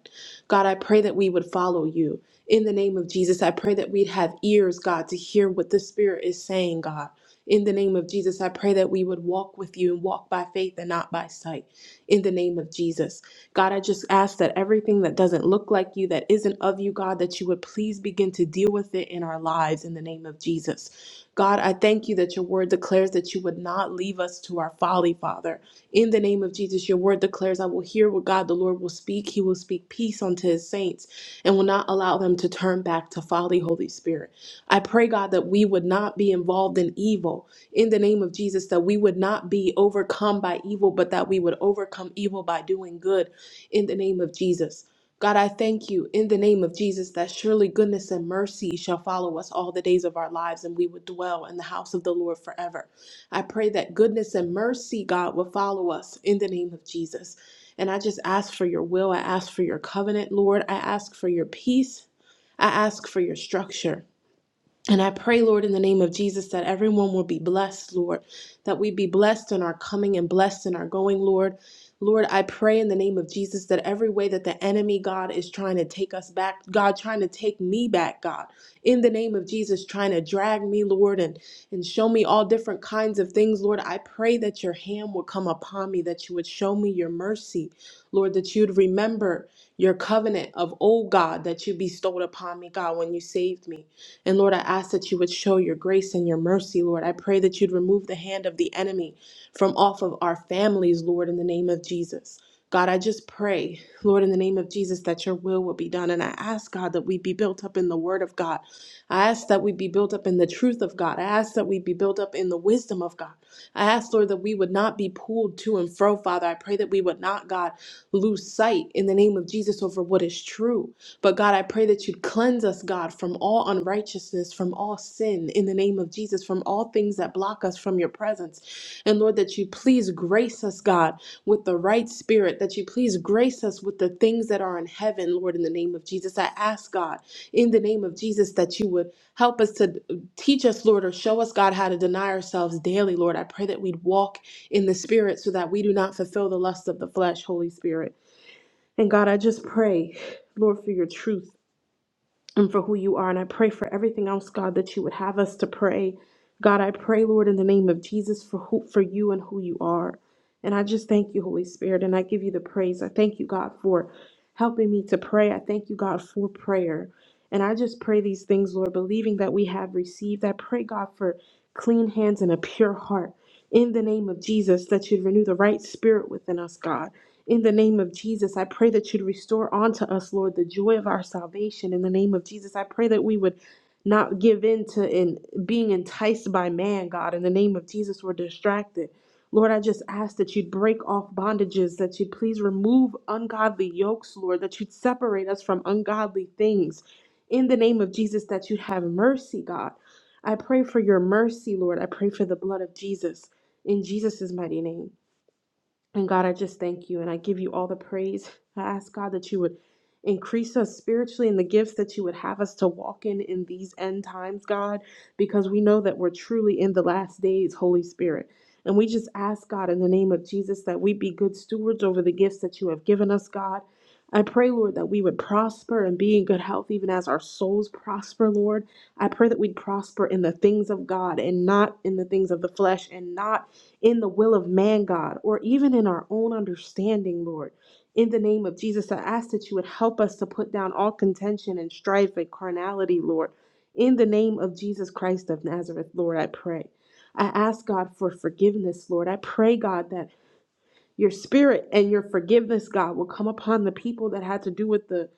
D: God, I pray that we would follow you. In the name of Jesus, I pray that we'd have ears, God, to hear what the Spirit is saying, God. In the name of Jesus, I pray that we would walk with you and walk by faith and not by sight. In the name of Jesus. God, I just ask that everything that doesn't look like you, that isn't of you, God, that you would please begin to deal with it in our lives in the name of Jesus. God, I thank you that your word declares that you would not leave us to our folly, Father. In the name of Jesus, your word declares, I will hear what God the Lord will speak. He will speak peace unto his saints and will not allow them to turn back to folly, Holy Spirit. I pray, God, that we would not be involved in evil in the name of Jesus, that we would not be overcome by evil, but that we would overcome evil by doing good in the name of Jesus. God, I thank you in the name of Jesus that surely goodness and mercy shall follow us all the days of our lives, and we would dwell in the house of the Lord forever. I pray that goodness and mercy, God, will follow us in the name of Jesus. And I just ask for your will. I ask for your covenant, Lord. I ask for your peace. I ask for your structure. And I pray, Lord, in the name of Jesus, that everyone will be blessed, Lord, that we be blessed in our coming and blessed in our going, Lord. Lord, I pray in the name of Jesus that every way that the enemy, God, is trying to take us back, God, trying to take me back, God, in the name of Jesus, trying to drag me, Lord, and, and show me all different kinds of things, Lord, I pray that your hand will come upon me, that you would show me your mercy, Lord, that you'd remember your covenant of old, God, that you bestowed upon me, God, when you saved me. And Lord, I ask that you would show your grace and your mercy, Lord. I pray that you'd remove the hand of the enemy from off of our families, Lord, in the name of Jesus. God, I just pray, Lord, in the name of Jesus, that your will will be done. And I ask, God, that we be built up in the word of God. I ask that we be built up in the truth of God. I ask that we be built up in the wisdom of God. I ask, Lord, that we would not be pulled to and fro, Father. I pray that we would not, God, lose sight in the name of Jesus over what is true. But God, I pray that you'd cleanse us, God, from all unrighteousness, from all sin, in the name of Jesus, from all things that block us from your presence. And Lord, that you please grace us, God, with the right spirit, that you please grace us with the things that are in heaven, Lord, in the name of Jesus. I ask, God, in the name of Jesus, that you would help us to teach us, Lord, or show us, God, how to deny ourselves daily, Lord. I pray that we'd walk in the spirit so that we do not fulfill the lusts of the flesh, Holy Spirit. And God, I just pray, Lord, for your truth and for who you are. And I pray for everything else, God, that you would have us to pray. God, I pray, Lord, in the name of Jesus for who, for you and who you are. And I just thank you, Holy Spirit, and I give you the praise. I thank you, God, for helping me to pray. I thank you, God, for prayer. And I just pray these things, Lord, believing that we have received. I pray, God, for clean hands and a pure heart. In the name of Jesus, that you'd renew the right spirit within us, God. In the name of Jesus, I pray that you'd restore unto us, Lord, the joy of our salvation. In the name of Jesus, I pray that we would not give in to in being enticed by man, God. In the name of Jesus, we're distracted. Lord, I just ask that you'd break off bondages, that you'd please remove ungodly yokes, Lord, that you'd separate us from ungodly things. In the name of Jesus, that you'd have mercy, God. I pray for your mercy, Lord. I pray for the blood of Jesus in Jesus' mighty name. And God, I just thank you and I give you all the praise. I ask God that you would increase us spiritually in the gifts that you would have us to walk in in these end times, God, because we know that we're truly in the last days, Holy Spirit. And we just ask God in the name of Jesus that we be good stewards over the gifts that you have given us, God. I pray, Lord, that we would prosper and be in good health even as our souls prosper, Lord. I pray that we'd prosper in the things of God and not in the things of the flesh and not in the will of man, God, or even in our own understanding, Lord. In the name of Jesus, I ask that you would help us to put down all contention and strife and carnality, Lord. In the name of Jesus Christ of Nazareth, Lord, I pray. I ask God for forgiveness, Lord. I pray, God, that your spirit and your forgiveness, God, will come upon the people that had to do with the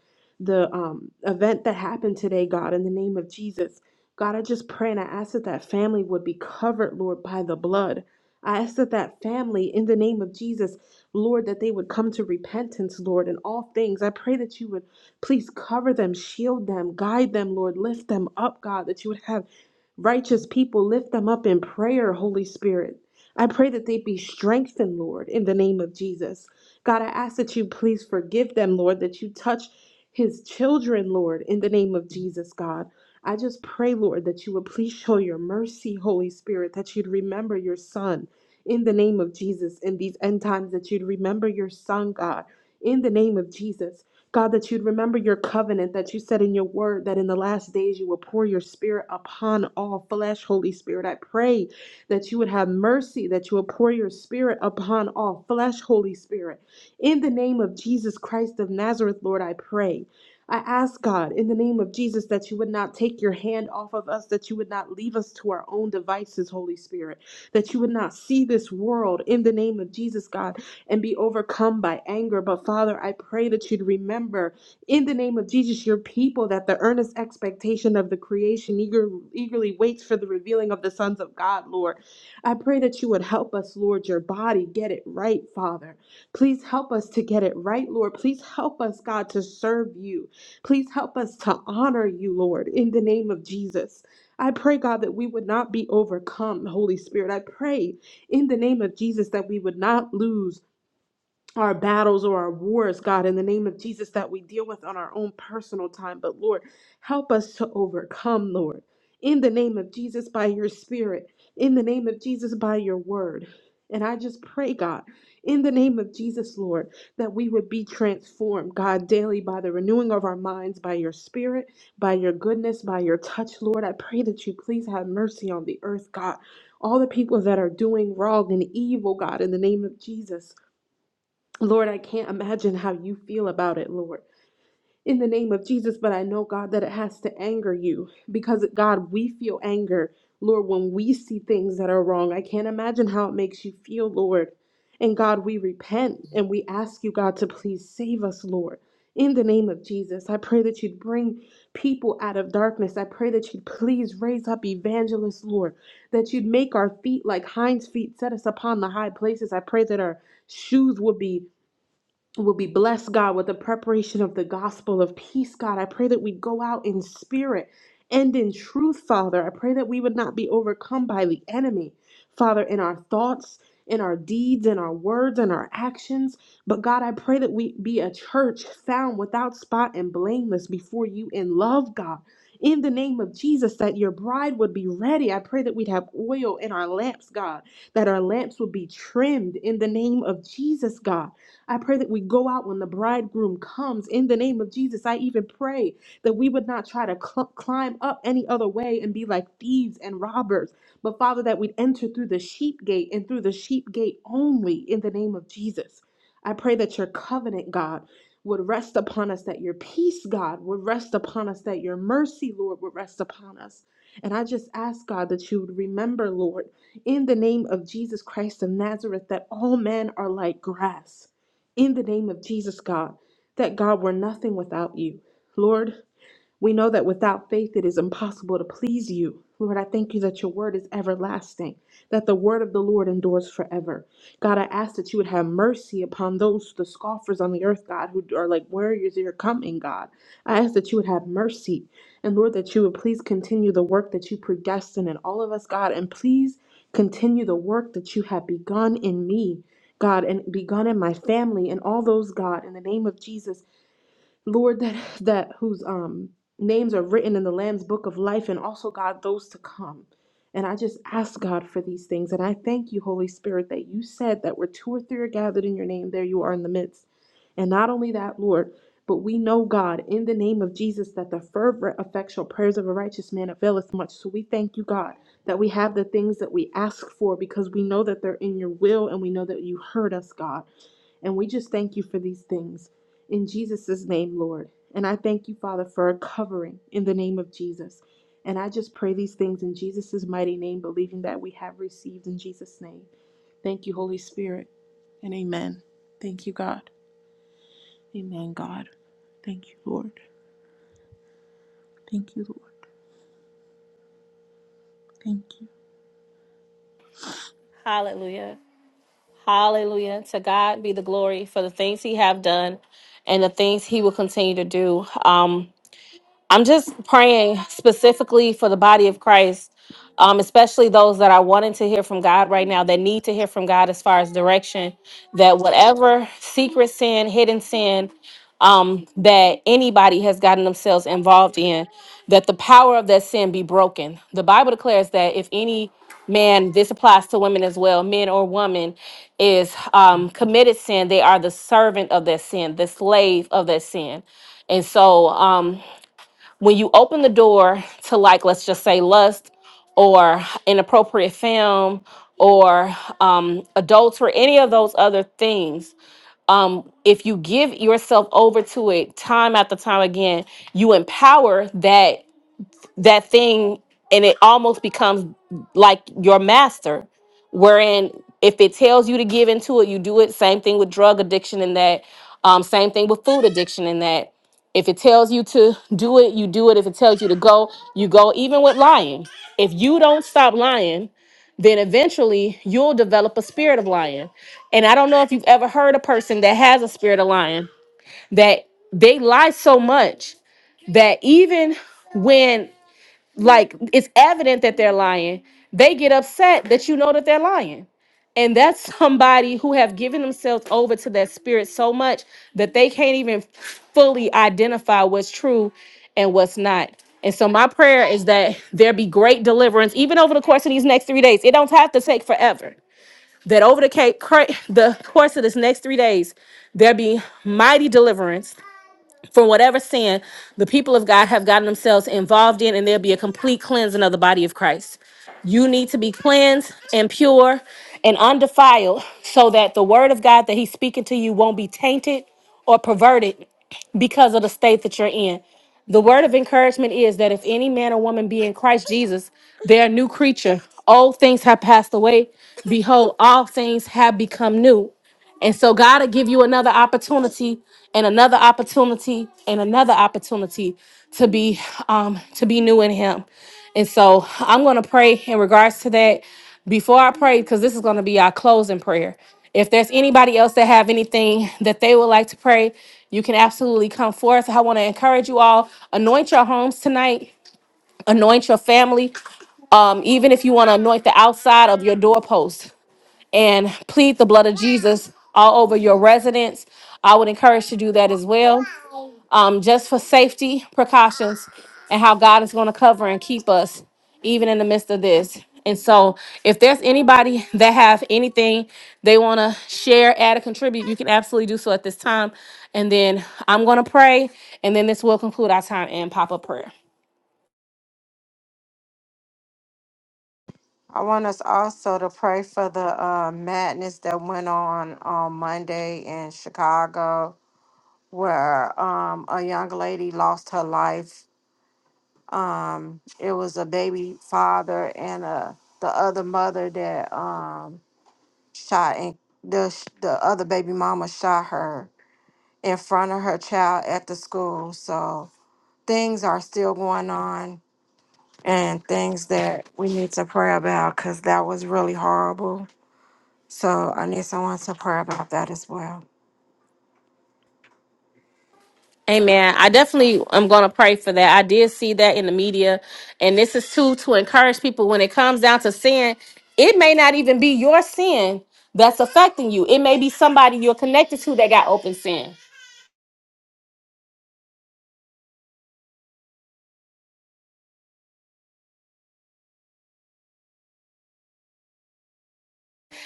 D: the um, event that happened today, God, in the name of Jesus. God, I just pray and I ask that that family would be covered, Lord, by the blood. I ask that that family, in the name of Jesus, Lord, that they would come to repentance, Lord, in all things. I pray that you would please cover them, shield them, guide them, Lord, lift them up, God, that you would have righteous people lift them up in prayer, Holy Spirit. I pray that they be strengthened, Lord, in the name of Jesus. God, I ask that you please forgive them, Lord, that you touch his children, Lord, in the name of Jesus, God. I just pray, Lord, that you would please show your mercy, Holy Spirit, that you'd remember your son in the name of Jesus in these end times, that you'd remember your son, God, in the name of Jesus. God, that you'd remember your covenant that you said in your word that in the last days you will pour your spirit upon all flesh, Holy Spirit. I pray that you would have mercy, that you would pour your spirit upon all flesh, Holy Spirit. In the name of Jesus Christ of Nazareth, Lord, I pray. I ask God in the name of Jesus that you would not take your hand off of us, that you would not leave us to our own devices, Holy Spirit, that you would not see this world in the name of Jesus, God, and be overcome by anger. But Father, I pray that you'd remember in the name of Jesus your people that the earnest expectation of the creation eager, eagerly waits for the revealing of the sons of God, Lord. I pray that you would help us, Lord, your body get it right, Father. Please help us to get it right, Lord. Please help us, God, to serve you. Please help us to honor you, Lord, in the name of Jesus. I pray, God, that we would not be overcome, Holy Spirit. I pray in the name of Jesus that we would not lose our battles or our wars, God, in the name of Jesus, that we deal with on our own personal time. But Lord, help us to overcome, Lord, in the name of Jesus, by your spirit, in the name of Jesus, by your word. And I just pray, God, in the name of Jesus, Lord, that we would be transformed, God, daily by the renewing of our minds, by your spirit, by your goodness, by your touch, Lord. I pray that you please have mercy on the earth, God. All the people that are doing wrong and evil, God, in the name of Jesus. Lord, I can't imagine how you feel about it, Lord. In the name of Jesus, but I know, God, that it has to anger you because, God, we feel anger, Lord, when we see things that are wrong. I can't imagine how it makes you feel, Lord. And God, we repent and we ask you, God, to please save us, Lord. In the name of Jesus, I pray that you'd bring people out of darkness. I pray that you'd please raise up evangelists, Lord, that you'd make our feet like hinds feet, set us upon the high places. I pray that our shoes would be will be blessed, God, with the preparation of the gospel of peace, God. I pray that we go out in spirit and in truth, Father. I pray that we would not be overcome by the enemy, Father, in our thoughts, in our deeds, in our words, in our actions. But God, I pray that we be a church found without spot and blameless before you in love, God. In the name of Jesus, that your bride would be ready. I pray that we'd have oil in our lamps, God, that our lamps would be trimmed in the name of Jesus, God. I pray that we go out when the bridegroom comes in the name of Jesus. I even pray that we would not try to cl- climb up any other way and be like thieves and robbers, but Father, that we'd enter through the sheep gate and through the sheep gate only in the name of Jesus. I pray that your covenant, God, would rest upon us, that your peace, God, would rest upon us, that your mercy, Lord, would rest upon us. And I just ask, God, that you would remember, Lord, in the name of Jesus Christ of Nazareth, that all men are like grass in the name of Jesus, God, that God, we're nothing without you. Lord, we know that without faith it is impossible to please you. Lord, I thank you that your word is everlasting, that the word of the Lord endures forever. God, I ask that you would have mercy upon those, the scoffers on the earth, God, who are like warriors that are coming, God. I ask that you would have mercy. And Lord, that you would please continue the work that you predestined in all of us, God, and please continue the work that you have begun in me. God, and begun in my family and all those, God, in the name of Jesus Lord, that that whose um names are written in the Lamb's book of life, and also God those to come. And I just ask God for these things, and I thank you, Holy Spirit, that you said that where two or three are gathered in your name, there you are in the midst. And not only that, Lord, but we know God in the name of Jesus that the fervent, effectual prayers of a righteous man availeth much. So we thank you, God, that we have the things that we ask for because we know that they're in your will, and we know that you heard us, God. And we just thank you for these things in Jesus' name, Lord. And I thank you, Father, for a covering in the name of Jesus. And I just pray these things in Jesus' mighty name, believing that we have received in Jesus' name. Thank you, Holy Spirit. And amen. Thank you, God. Amen, God. Thank you, Lord. Thank you, Lord. Thank you.
A: Hallelujah. Hallelujah. To God be the glory for the things He have done and the things He will continue to do. Um, I'm just praying specifically for the body of Christ, um, especially those that are wanting to hear from God right now, that need to hear from God as far as direction, that whatever secret sin, hidden sin um, that anybody has gotten themselves involved in, that the power of that sin be broken. The Bible declares that if any man, this applies to women as well, men or woman, is um, committed sin, they are the servant of that sin, the slave of that sin. And so, um, when you open the door to like let's just say lust or inappropriate film or um adultery any of those other things um if you give yourself over to it time after time again you empower that that thing and it almost becomes like your master wherein if it tells you to give into it you do it same thing with drug addiction and that um, same thing with food addiction and that if it tells you to do it you do it if it tells you to go you go even with lying if you don't stop lying then eventually you'll develop a spirit of lying and i don't know if you've ever heard a person that has a spirit of lying that they lie so much that even when like it's evident that they're lying they get upset that you know that they're lying and that's somebody who have given themselves over to that spirit so much that they can't even fully identify what's true and what's not and so my prayer is that there be great deliverance even over the course of these next three days it don't have to take forever that over the, ca- cur- the course of this next three days there be mighty deliverance from whatever sin the people of God have gotten themselves involved in, and there'll be a complete cleansing of the body of Christ. You need to be cleansed and pure and undefiled so that the word of God that He's speaking to you won't be tainted or perverted because of the state that you're in. The word of encouragement is that if any man or woman be in Christ Jesus, they're a new creature. Old things have passed away. Behold, all things have become new. And so God will give you another opportunity and another opportunity and another opportunity to be um to be new in him. And so I'm gonna pray in regards to that before I pray, because this is gonna be our closing prayer. If there's anybody else that have anything that they would like to pray, you can absolutely come forth. I want to encourage you all, anoint your homes tonight, anoint your family. Um, even if you want to anoint the outside of your doorpost and plead the blood of Jesus all over your residence. I would encourage to do that as well, um, just for safety precautions and how God is going to cover and keep us even in the midst of this. And so, if there's anybody that have anything they want to share, add, or contribute, you can absolutely do so at this time. And then I'm going to pray, and then this will conclude our time in pop up prayer.
C: I want us also to pray for the uh, madness that went on on Monday in Chicago, where um, a young lady lost her life. Um, it was a baby father and uh the other mother that um, shot and the sh- the other baby mama shot her in front of her child at the school. So things are still going on, and things that we need to pray about because that was really horrible So I need someone to pray about that as well.
A: Amen. I definitely am going to pray for that. I did see that in the media. And this is too to encourage people when it comes down to sin, it may not even be your sin that's affecting you. It may be somebody you're connected to that got open sin.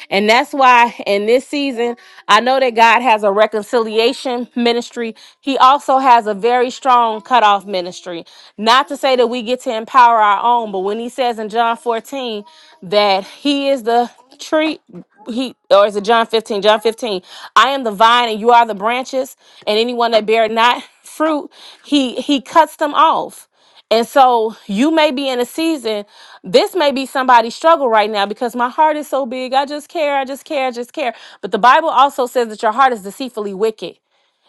A: And that's why in this season, I know that God has a reconciliation ministry. He also has a very strong cutoff ministry. Not to say that we get to empower our own, but when he says in John 14 that he is the tree, he or is it John 15? John 15. I am the vine and you are the branches, and anyone that bear not fruit, he he cuts them off. And so you may be in a season, this may be somebody's struggle right now because my heart is so big. I just care, I just care, I just care. But the Bible also says that your heart is deceitfully wicked.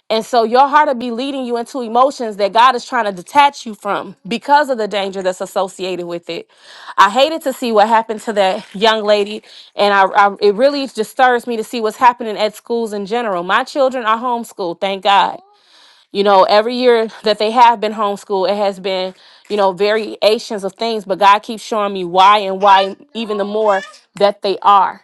A: And so your heart will be leading you into emotions that God is trying to detach you from because of the danger that's associated with it. I hated to see what happened to that young lady. And I, I it really just stirs me to see what's happening at schools in general. My children are homeschooled, thank God. You know, every year that they have been homeschooled, it has been, you know, variations of things, but God keeps showing me why and why even the more that they are.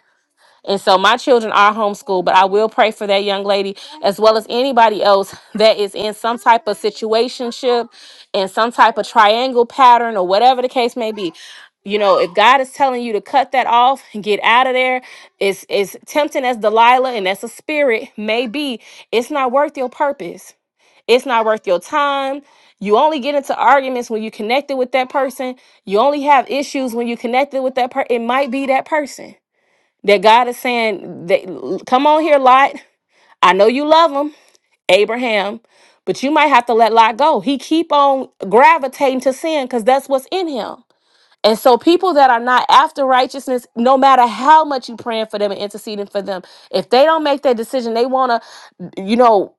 A: And so my children are homeschooled, but I will pray for that young lady as well as anybody else that is in some type of situationship and some type of triangle pattern or whatever the case may be. You know, if God is telling you to cut that off and get out of there, it's as tempting as Delilah and as a spirit may be, it's not worth your purpose it's not worth your time. You only get into arguments when you connected with that person. You only have issues when you connected with that person. It might be that person that God is saying, that, "Come on here, Lot. I know you love him, Abraham, but you might have to let Lot go. He keep on gravitating to sin because that's what's in him." And so, people that are not after righteousness, no matter how much you praying for them and interceding for them, if they don't make that decision, they want to, you know,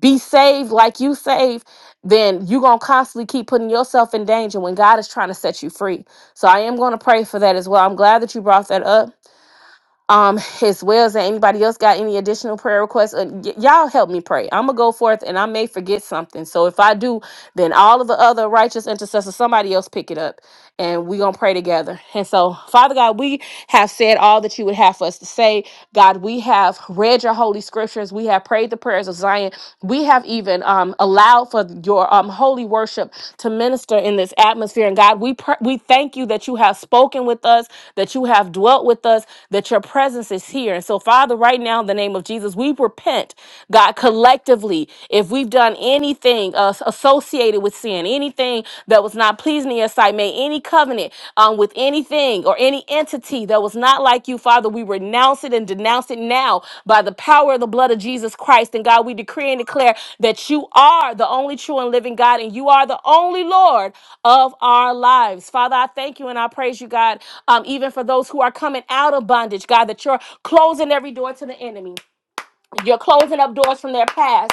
A: be saved like you saved, then you're going to constantly keep putting yourself in danger when God is trying to set you free. So I am going to pray for that as well. I'm glad that you brought that up. Um, as well as that anybody else got any additional prayer requests, Uh, y- y'all help me pray. I'm gonna go forth and I may forget something. So if I do, then all of the other righteous intercessors, somebody else pick it up and we gonna pray together. And so, Father God, we have said all that you would have for us to say. God, we have read your holy scriptures, we have prayed the prayers of Zion. We have even um, allowed for your um, holy worship to minister in this atmosphere. And God, we pr- we thank you that you have spoken with us, that you have dwelt with us, that your presence is here. And so, Father, right now, in the name of Jesus, we repent, God, collectively, if we've done anything uh, associated with sin, anything that was not pleasing in your sight, may any covenant covenant um, with anything or any entity that was not like you, Father. We renounce it and denounce it now by the power of the blood of Jesus Christ. And God, we decree and declare that you are the only true and living God, and you are the only Lord of our lives. Father, I thank you and I praise you, God, um, even for those who are coming out of bondage, God, that you're closing every door to the enemy. You're closing up doors from their past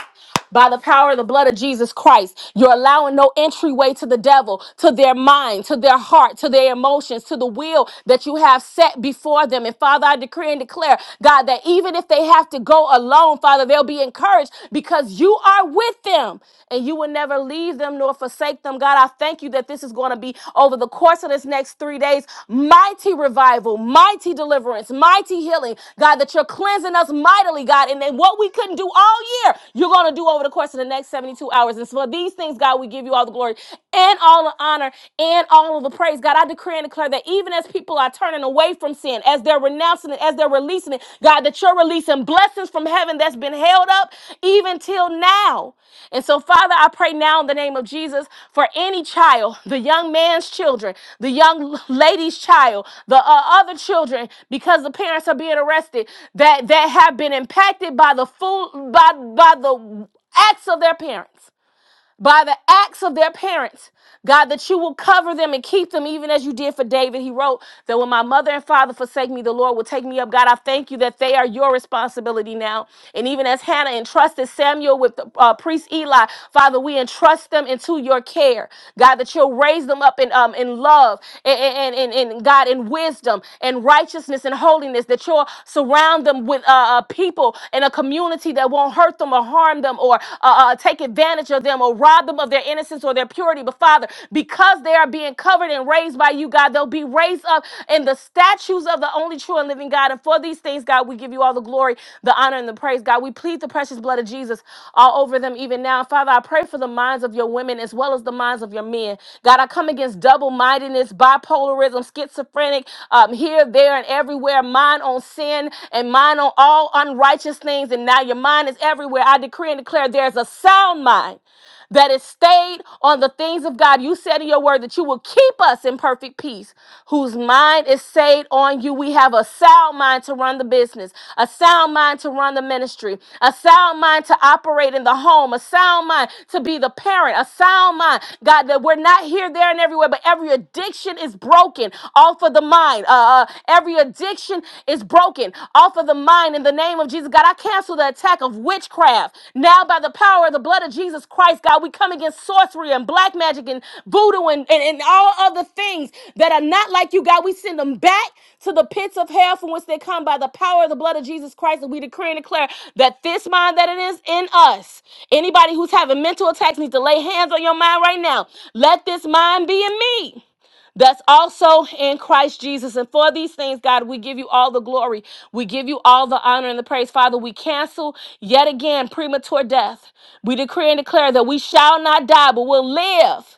A: by the power of the blood of Jesus Christ. You're allowing no entryway to the devil, to their mind, to their heart, to their emotions, to the will that you have set before them. And Father, I decree and declare, God, that even if they have to go alone, Father, they'll be encouraged because you are with them and you will never leave them nor forsake them. God, I thank you thank you that this is going to be over the course of this next three days mighty revival, mighty deliverance, mighty healing. God, that you're cleansing us mightily, God. And then what we couldn't do all year, you're going to do over the course of the next 72 hours. And so for these things, God, we give you all the glory and all the honor and all of the praise. God, I decree and declare that even as people are turning away from sin, as they're renouncing it, as they're as they're releasing it. God, that you're releasing blessings from heaven that's been held up even till now. And so, Father, I pray now in the name of Jesus for any child, the young man's children, the young lady's child, the uh, other children, because the parents are being arrested, that that have been impacted by the fool by by the acts of their parents by the acts of their parents. God, that you will cover them and keep them, even as you did for David. He wrote that when my mother and father forsake me, the Lord will take me up. God, I thank you that they are your responsibility now. And even as Hannah entrusted Samuel with the, uh, priest Eli, Father, we entrust them into your care. God, that you'll raise them up in, um, in love and, and, and, and God, in wisdom and righteousness and holiness, that you'll surround them with uh, uh, people and a community that won't hurt them or harm them or uh, uh, take advantage of them will rob them of their innocence or their purity. But Father, because they are being covered and raised by you, God, they'll be raised up in the statues of the only true and living God. And for these things, God, we give you all the glory, the honor, and the praise. God, we plead the precious blood of Jesus all over them even now. Father, I pray for the minds of your women as well as the minds of your men. God, I come against double mindedness, bipolarism, schizophrenic, um, here, there, and everywhere, mind on sin and mind on all unrighteous things. And now your mind is everywhere. I decree and declare there's a sound mind that is stayed on the things of God. You said in your word that you will keep us in perfect peace, whose mind is stayed on you. We have a sound mind to run the business, a sound mind to run the ministry, a sound mind to operate in the home, a sound mind to be the parent, a sound mind, God, that we're not here, there, and everywhere, but every addiction is broken off of the mind. Uh, uh, every addiction is broken off of the of the mind in the name of Jesus. God, I cancel the attack of witchcraft. Now, by the power of the blood of Jesus Christ, God, we come against sorcery and black magic and voodoo and, and, and all other things that are not like you, God. We send them back to the pits of hell from whence they come by the power of the blood of Jesus Christ. And we decree and declare that this mind that it is in us, anybody who's having mental attacks needs to lay hands on your mind right now. Let this mind be in me that's also in Christ Jesus. And for these things, God, we give you all the glory. We give you all the honor and the praise. Father, we cancel yet again premature death. We decree and declare that we shall not die, but will live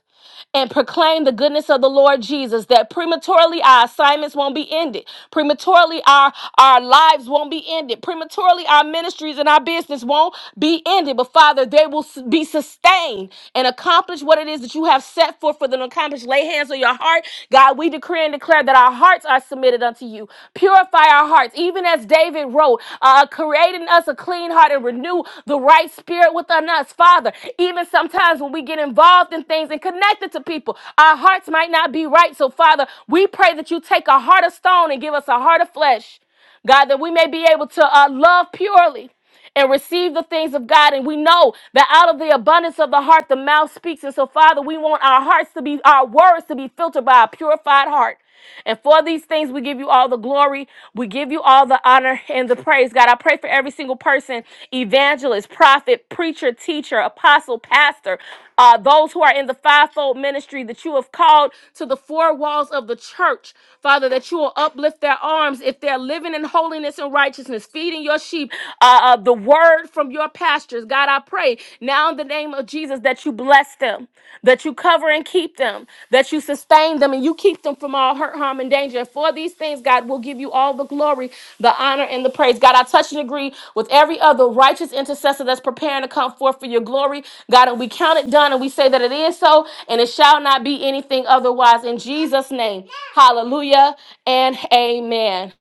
A: and proclaim the goodness of the Lord Jesus, that prematurely our assignments won't be ended. Prematurely our, our lives won't be ended. Prematurely our ministries and our business won't be ended. But Father, they will s- be sustained and accomplish what it is that you have set forth for them to accomplish. Lay hands on your heart. God, we decree and declare that our hearts are submitted unto unto you. Purify our hearts, even as David wrote, uh, creating us a clean heart and renew the right spirit within us, Father. Even sometimes when we get involved in things and connected to people, our hearts might not be right. So, Father, we pray that you take a heart of stone and give us a heart of flesh, God, that we may be able to uh, love purely and receive the things of God. And we know that out of the abundance of the heart, the mouth speaks. And so, Father, we want our hearts to be, our words to be filtered by a purified heart. And for these things, we give you all the glory. We give you all the honor and the praise. God, I pray for every single person evangelist, prophet, preacher, teacher, apostle, pastor uh, those who are in the fivefold ministry that you have called to the four walls of the church, Father, that you will uplift their arms if they're living in holiness and righteousness, feeding your sheep uh, uh, the word from your pastures. God, I pray now in the name of Jesus that you bless them, that you cover and keep them, that you sustain them, and you keep them from all hurt, harm, and danger. And for these things, God, will give you all the glory, the honor, and the praise. God, I touch and agree with every other righteous intercessor that's preparing to come forth for your glory. God, and we count it done and we say that it is so, and it shall not be anything otherwise in Jesus' name. Hallelujah and amen.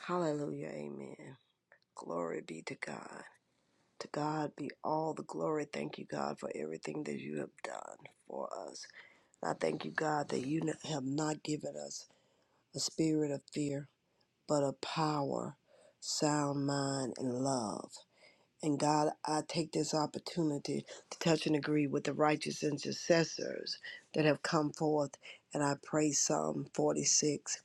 E: Hallelujah. Amen. Glory be to God. To God be all the glory. Thank you, God, for everything that you have done for us. And I thank you, God, that you have not given us a spirit of fear, but of power, sound mind, and love. And God, I take this opportunity to touch and agree with the righteous intercessors that have come forth. And I pray Psalm 46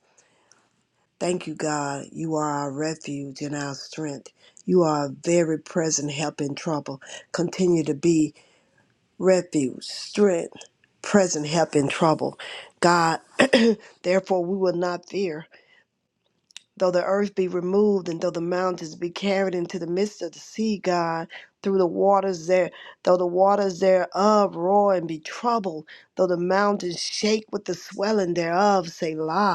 E: Thank you, God. You are our refuge and our strength. You are a very present help in trouble. Continue to be refuge, strength, present help in trouble. God, therefore we will not fear. Though the earth be removed and though the mountains be carried into the midst of the sea, God, through the waters there, though the waters thereof roar and be troubled, though the mountains shake with the swelling thereof, Selah.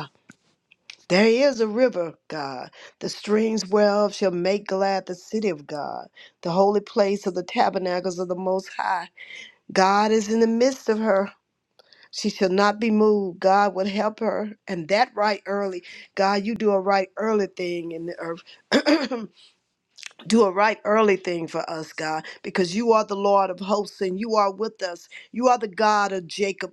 E: There is a river, God. The streams whereof shall make glad the city of God, the holy place of the tabernacles of the Most High. God is in the midst of her. She shall not be moved. God will help her. And that right early. God, you do a right early thing in the earth. do a right early thing for us, God, because you are the Lord of hosts and you are with us. You are the God of Jacob.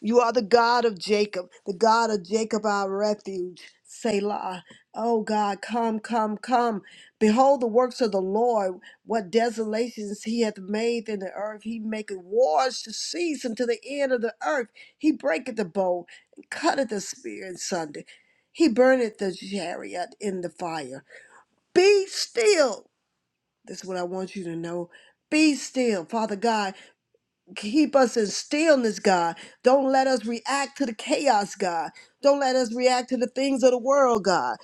E: You are the God of Jacob, the God of Jacob, our refuge. Selah. Oh God, come, come, come. Behold the works of the Lord, what desolations he hath made in the earth. He maketh wars to cease unto the end of the earth. He breaketh the bow and cutteth the spear in sunder. He burneth the chariot in the fire. Be still. That's what I want you to know. Be still, Father God keep us in stillness, God. Don't let us react to the chaos, God. Don't let us react to the things of the world, God.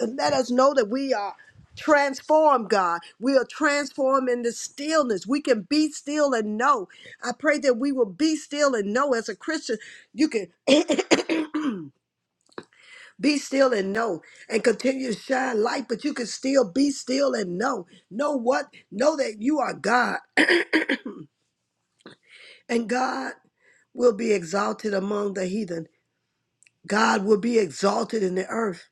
E: And let us know that we are transformed, God. We are transformed in the stillness. We can be still and know. I pray that we will be still and know as a Christian. You can be still and know and continue to shine light, but you can still be still and know. Know what? Know that you are God and God will be exalted among the heathen. God will be exalted in the earth.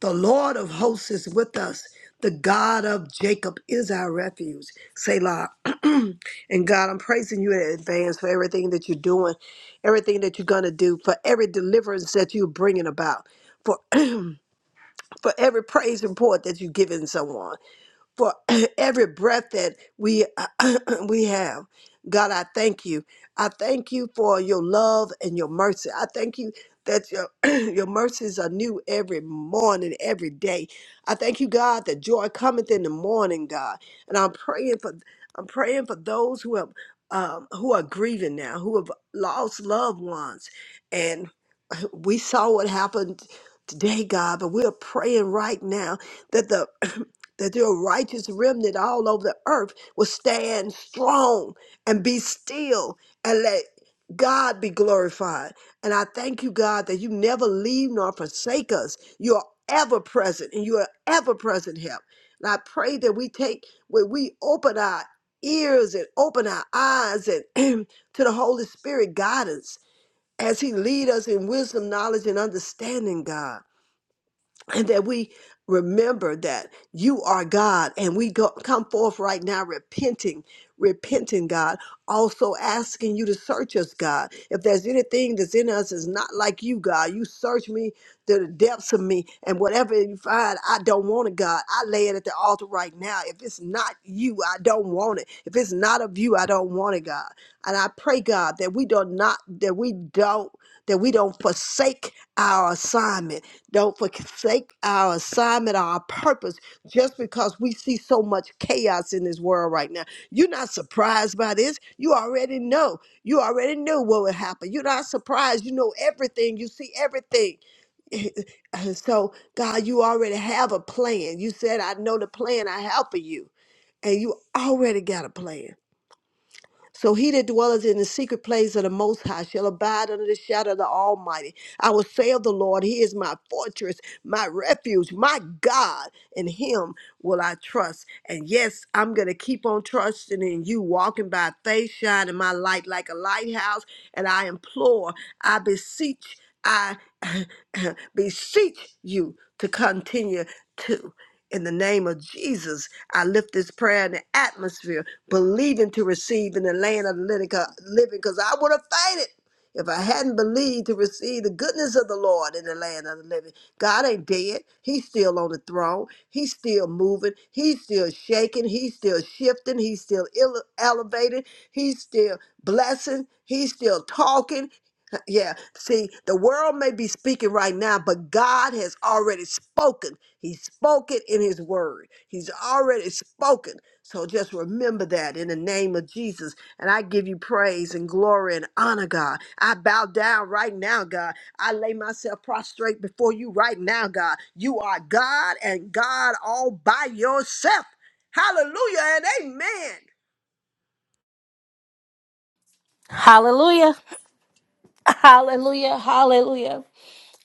E: The Lord of hosts is with us. The God of Jacob is our refuge. Selah. and God, I'm praising you in advance for everything that you're doing, everything that you're going to do, for every deliverance that you're bringing about, for, for every praise report that you're giving someone for every breath that we we have. God, I thank you. I thank you for your love and your mercy. I thank you that your your mercies are new every morning, every day. I thank you, God, that joy cometh in the morning, God. And I'm praying for I'm praying for those who have um, who are grieving now, who have lost loved ones, and we saw what happened today, God. But we're praying right now that the that your righteous remnant all over the earth will stand strong and be still and let God be glorified. And I thank you, God, that you never leave nor forsake us. You are ever present and you are ever present help. And I pray that we take, when we open our ears and open our eyes and to the Holy Spirit guidance as he lead us in wisdom, knowledge, and understanding, God and that we remember that you are God and we go, come forth right now repenting, repenting, God, also asking you to search us, God. If there's anything that's in us is not like you, God, you search me to the depths of me and whatever you find, I don't want it, God. I lay it at the altar right now. If it's not you, I don't want it. If it's not of you, I don't want it, God. And I pray, God, that we do not, that we don't, that we don't forsake our assignment don't forsake our assignment, our purpose, just because we see so much chaos in this world right now. You're not surprised by this. You already know. You already knew what would happen. You're not surprised. You know everything. You see everything. so, God, you already have a plan. You said, I know the plan I have for you. And you already got a plan. So he that dwelleth in the secret place of the Most High shall abide under the shadow of the Almighty. I will say of the Lord, He is my fortress, my refuge, my God. In Him will I trust. And yes, I'm going to keep on trusting in you, walking by faith, shining my light like a lighthouse. And I implore, I beseech, I beseech you to continue to. In the name of Jesus, I lift this prayer in the atmosphere believing to receive in the land of the living, because I would have fainted if I hadn't believed to receive the goodness of the Lord in the land of the living. God ain't dead. He's still on the throne. He's still moving. He's still shaking. He's still shifting. He's still ele- elevating. He's still blessing. He's still talking yeah, see, the world may be speaking right now, but God has already spoken. He's spoken in His Word, He's already spoken. So just remember that in the name of Jesus. And I give you praise and glory and honor, God. I bow down right now, God. I lay myself prostrate before you right now, God. You are God and God all by yourself. Hallelujah and amen.
A: Hallelujah. Hallelujah. Hallelujah.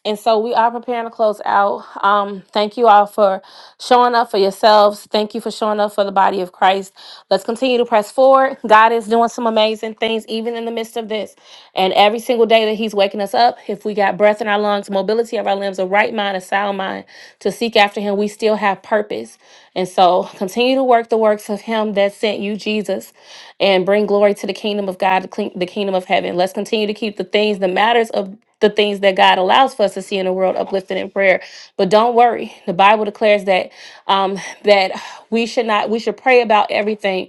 A: And so we are preparing to close out. Um, thank you all for showing up for yourselves. Thank you for showing up for the body of Christ. Let's continue to press forward. God is doing some amazing things, even in the midst of this. And every single day that He's waking us up, if we got breath in our lungs, mobility of our limbs, a right mind, a sound mind to seek after Him, we still have purpose. And so continue to work the works of Him that sent you, Jesus, and bring glory to the kingdom of God, the king- the kingdom of heaven. Let's continue to keep the things, the matters of the things that God allows for us to see in the world uplifted in prayer. But don't worry, the Bible declares that um, that we should not we should pray about everything.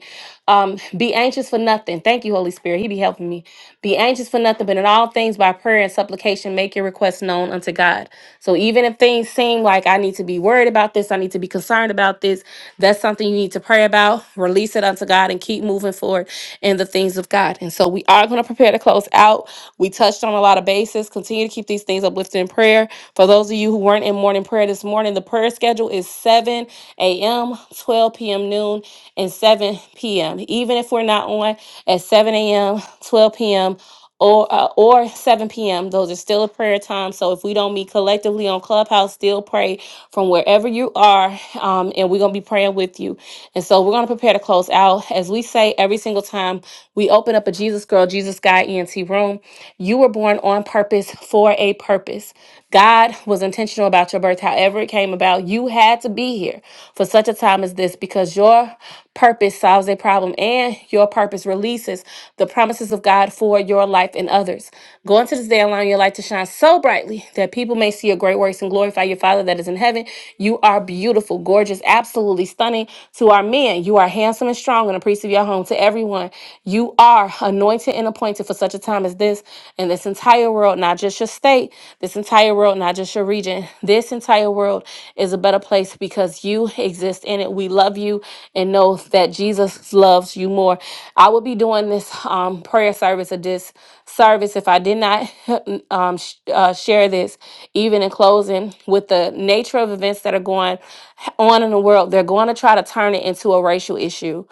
A: Um, be anxious for nothing. Thank you, Holy Spirit. He be helping me. Be anxious for nothing, but in all things by prayer and supplication, make your requests known unto God. So even if things seem like I need to be worried about this, I need to be concerned about this, that's something you need to pray about. Release it unto God and keep moving forward in the things of God. And so we are going to prepare to close out. We touched on a lot of bases. Continue to keep these things uplifted in prayer. For those of you who weren't in morning prayer this morning, the prayer schedule is 7 a.m., 12 p.m., noon, and 7 p.m. Even if we're not on at 7 a.m., 12 p.m., or uh, or 7 p.m. Those are still a prayer time. So if we don't meet collectively on Clubhouse, still pray from wherever you are, um, and we're gonna be praying with you. And so we're going to prepare to close out. As we say every single time we open up a Jesus Girl, Jesus Guy ENT room, you were born on purpose for a purpose. God was intentional about your birth, however it came about. You had to be here for such a time as this because your purpose solves a problem and your purpose releases the promises of God for your life your life and others. Go into this day, allowing your light to shine so brightly that people may see your great works and glorify your Father that is in heaven. You are beautiful, gorgeous, absolutely stunning. To our men, you are handsome and strong and a priest of your home. To everyone, you are anointed and appointed for such a time as this. And this entire world, not just your state, this entire world, not just your region, this entire world is a better place because you exist in it. We love you and know that Jesus loves you more. I would be doing this um, prayer service or this service if I did not um, sh- uh, share this, even in closing, with the nature of events that are going on in the world. They're going to try to turn it into a racial issue.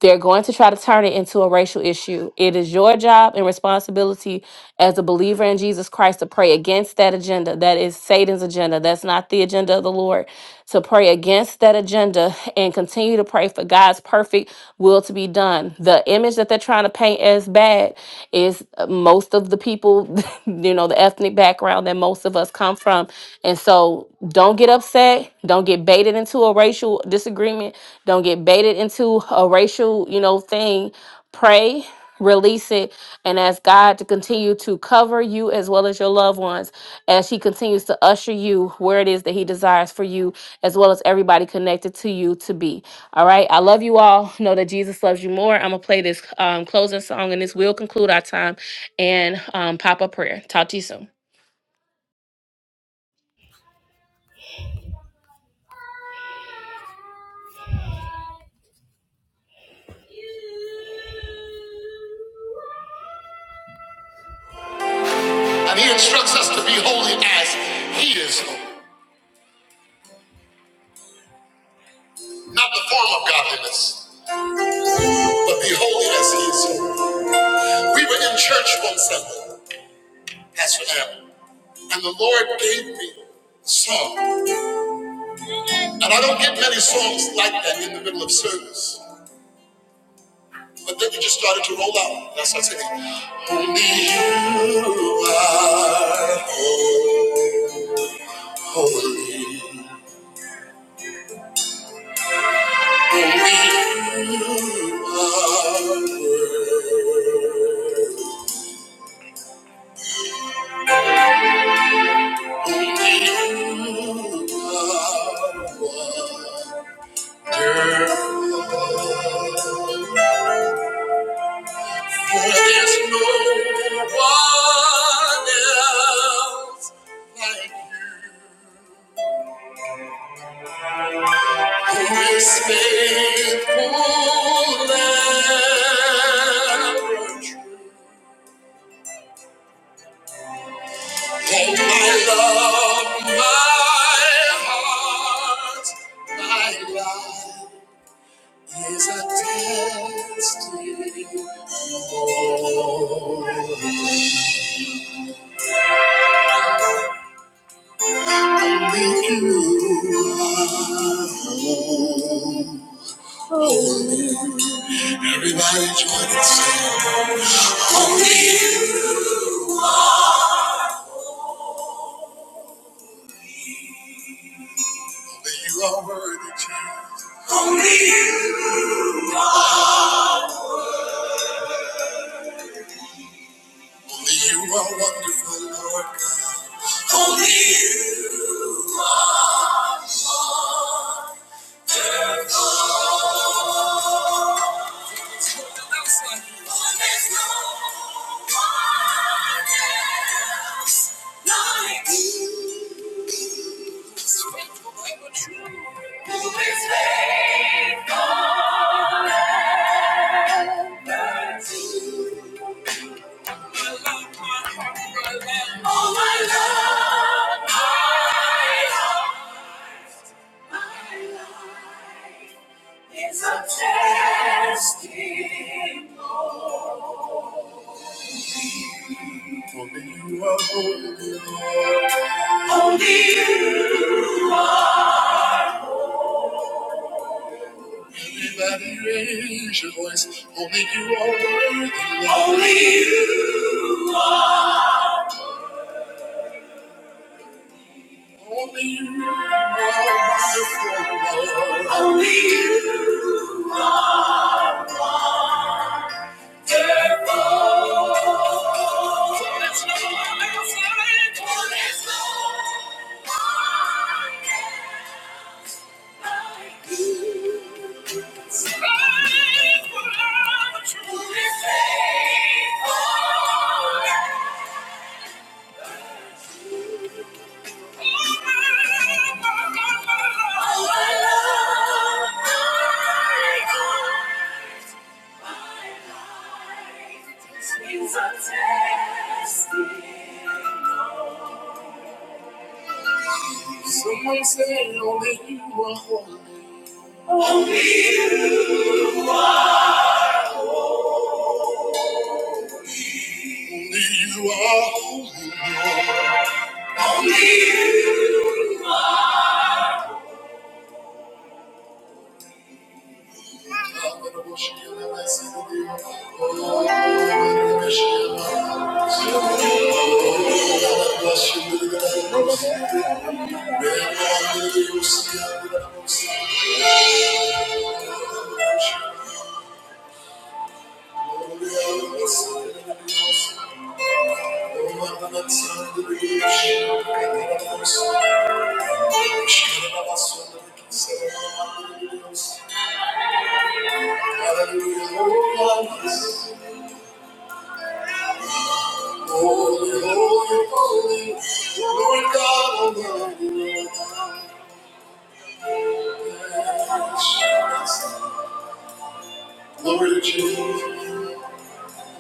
A: They're going to try to turn it into a racial issue. It is your job and responsibility as a believer in Jesus Christ to pray against that agenda. That is Satan's agenda. That's not the agenda of the Lord. To pray against that agenda and continue to pray for God's perfect will to be done. The image that they're trying to paint as bad is uh, most of the people, you know, the ethnic background that most of us come from. And so don't get upset. Don't get baited into a racial disagreement. Don't get baited into a racial, you know, thing. Pray, release it, and ask God to continue to cover you as well as your loved ones as He continues to usher you where it is that He desires for you, as well as everybody connected to you to be. All right. I love you all. Know that Jesus loves you more. I'm going to play this um, closing song, and this will conclude our time and um, pop up prayer. Talk to you soon. And He instructs us to be holy as He is holy, not the form of godliness, but be holy as He is holy. We were in church one Sunday, Pastor Allen. And the Lord gave me a song. And I don't get many songs like that in the middle of service. But then you just started to roll out. That's what I said. Only you are holy. Only You are worthy. Only you are wonderful. For there's no one else like you. His faithful love. Hold my love, my heart, my life is a testimony. Everybody join and sing. Only you. That you are worthy, Jesus. Only you. are. Only you are wonderful, Lord God. Only you. There's no one else like you. Who is faithful ever to All my love, my heart. It's a testimony. Only you are holy. Only you are. Everybody raise your voice. Only you are worthy. Lord. Only you are. Only you are wonderful. Only you are. Thank you. is a testimony. Someone said only you are holy. Only you are holy. Lord. Only you. I'm gonna worship you and I sing to you. Oh, I'm gonna worship you. and I sing to you. Oh, I'm gonna bless you. and I'm gonna worship you. Man, I'm gonna worship you. and I'm gonna worship you. Holy, holy, holy, Lord God Almighty. Glory to Jesus.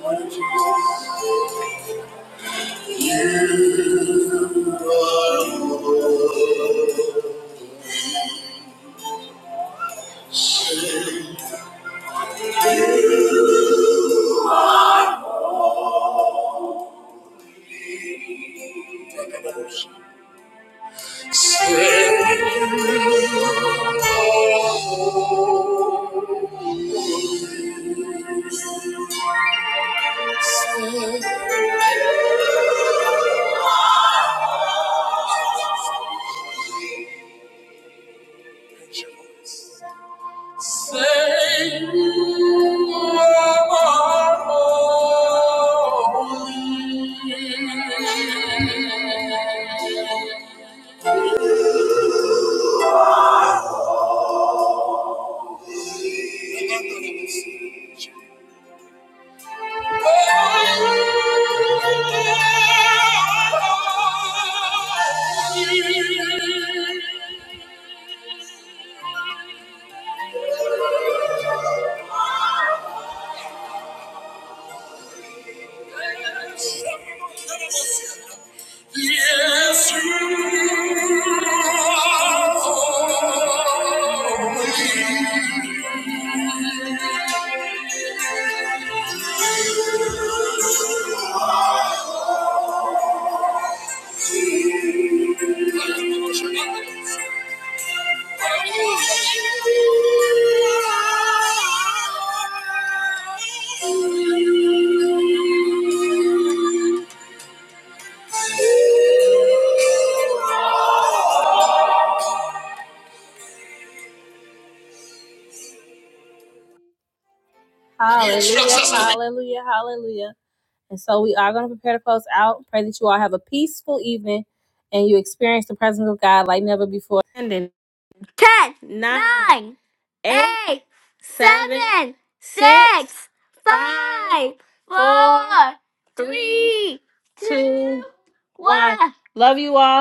A: Glory to Jesus. Thank you. Hallelujah, hallelujah, hallelujah. And so we are going to prepare to close out. Pray that you all have a peaceful evening and you experience the presence of God like never before. And in nine, eight, six, three. Love you all.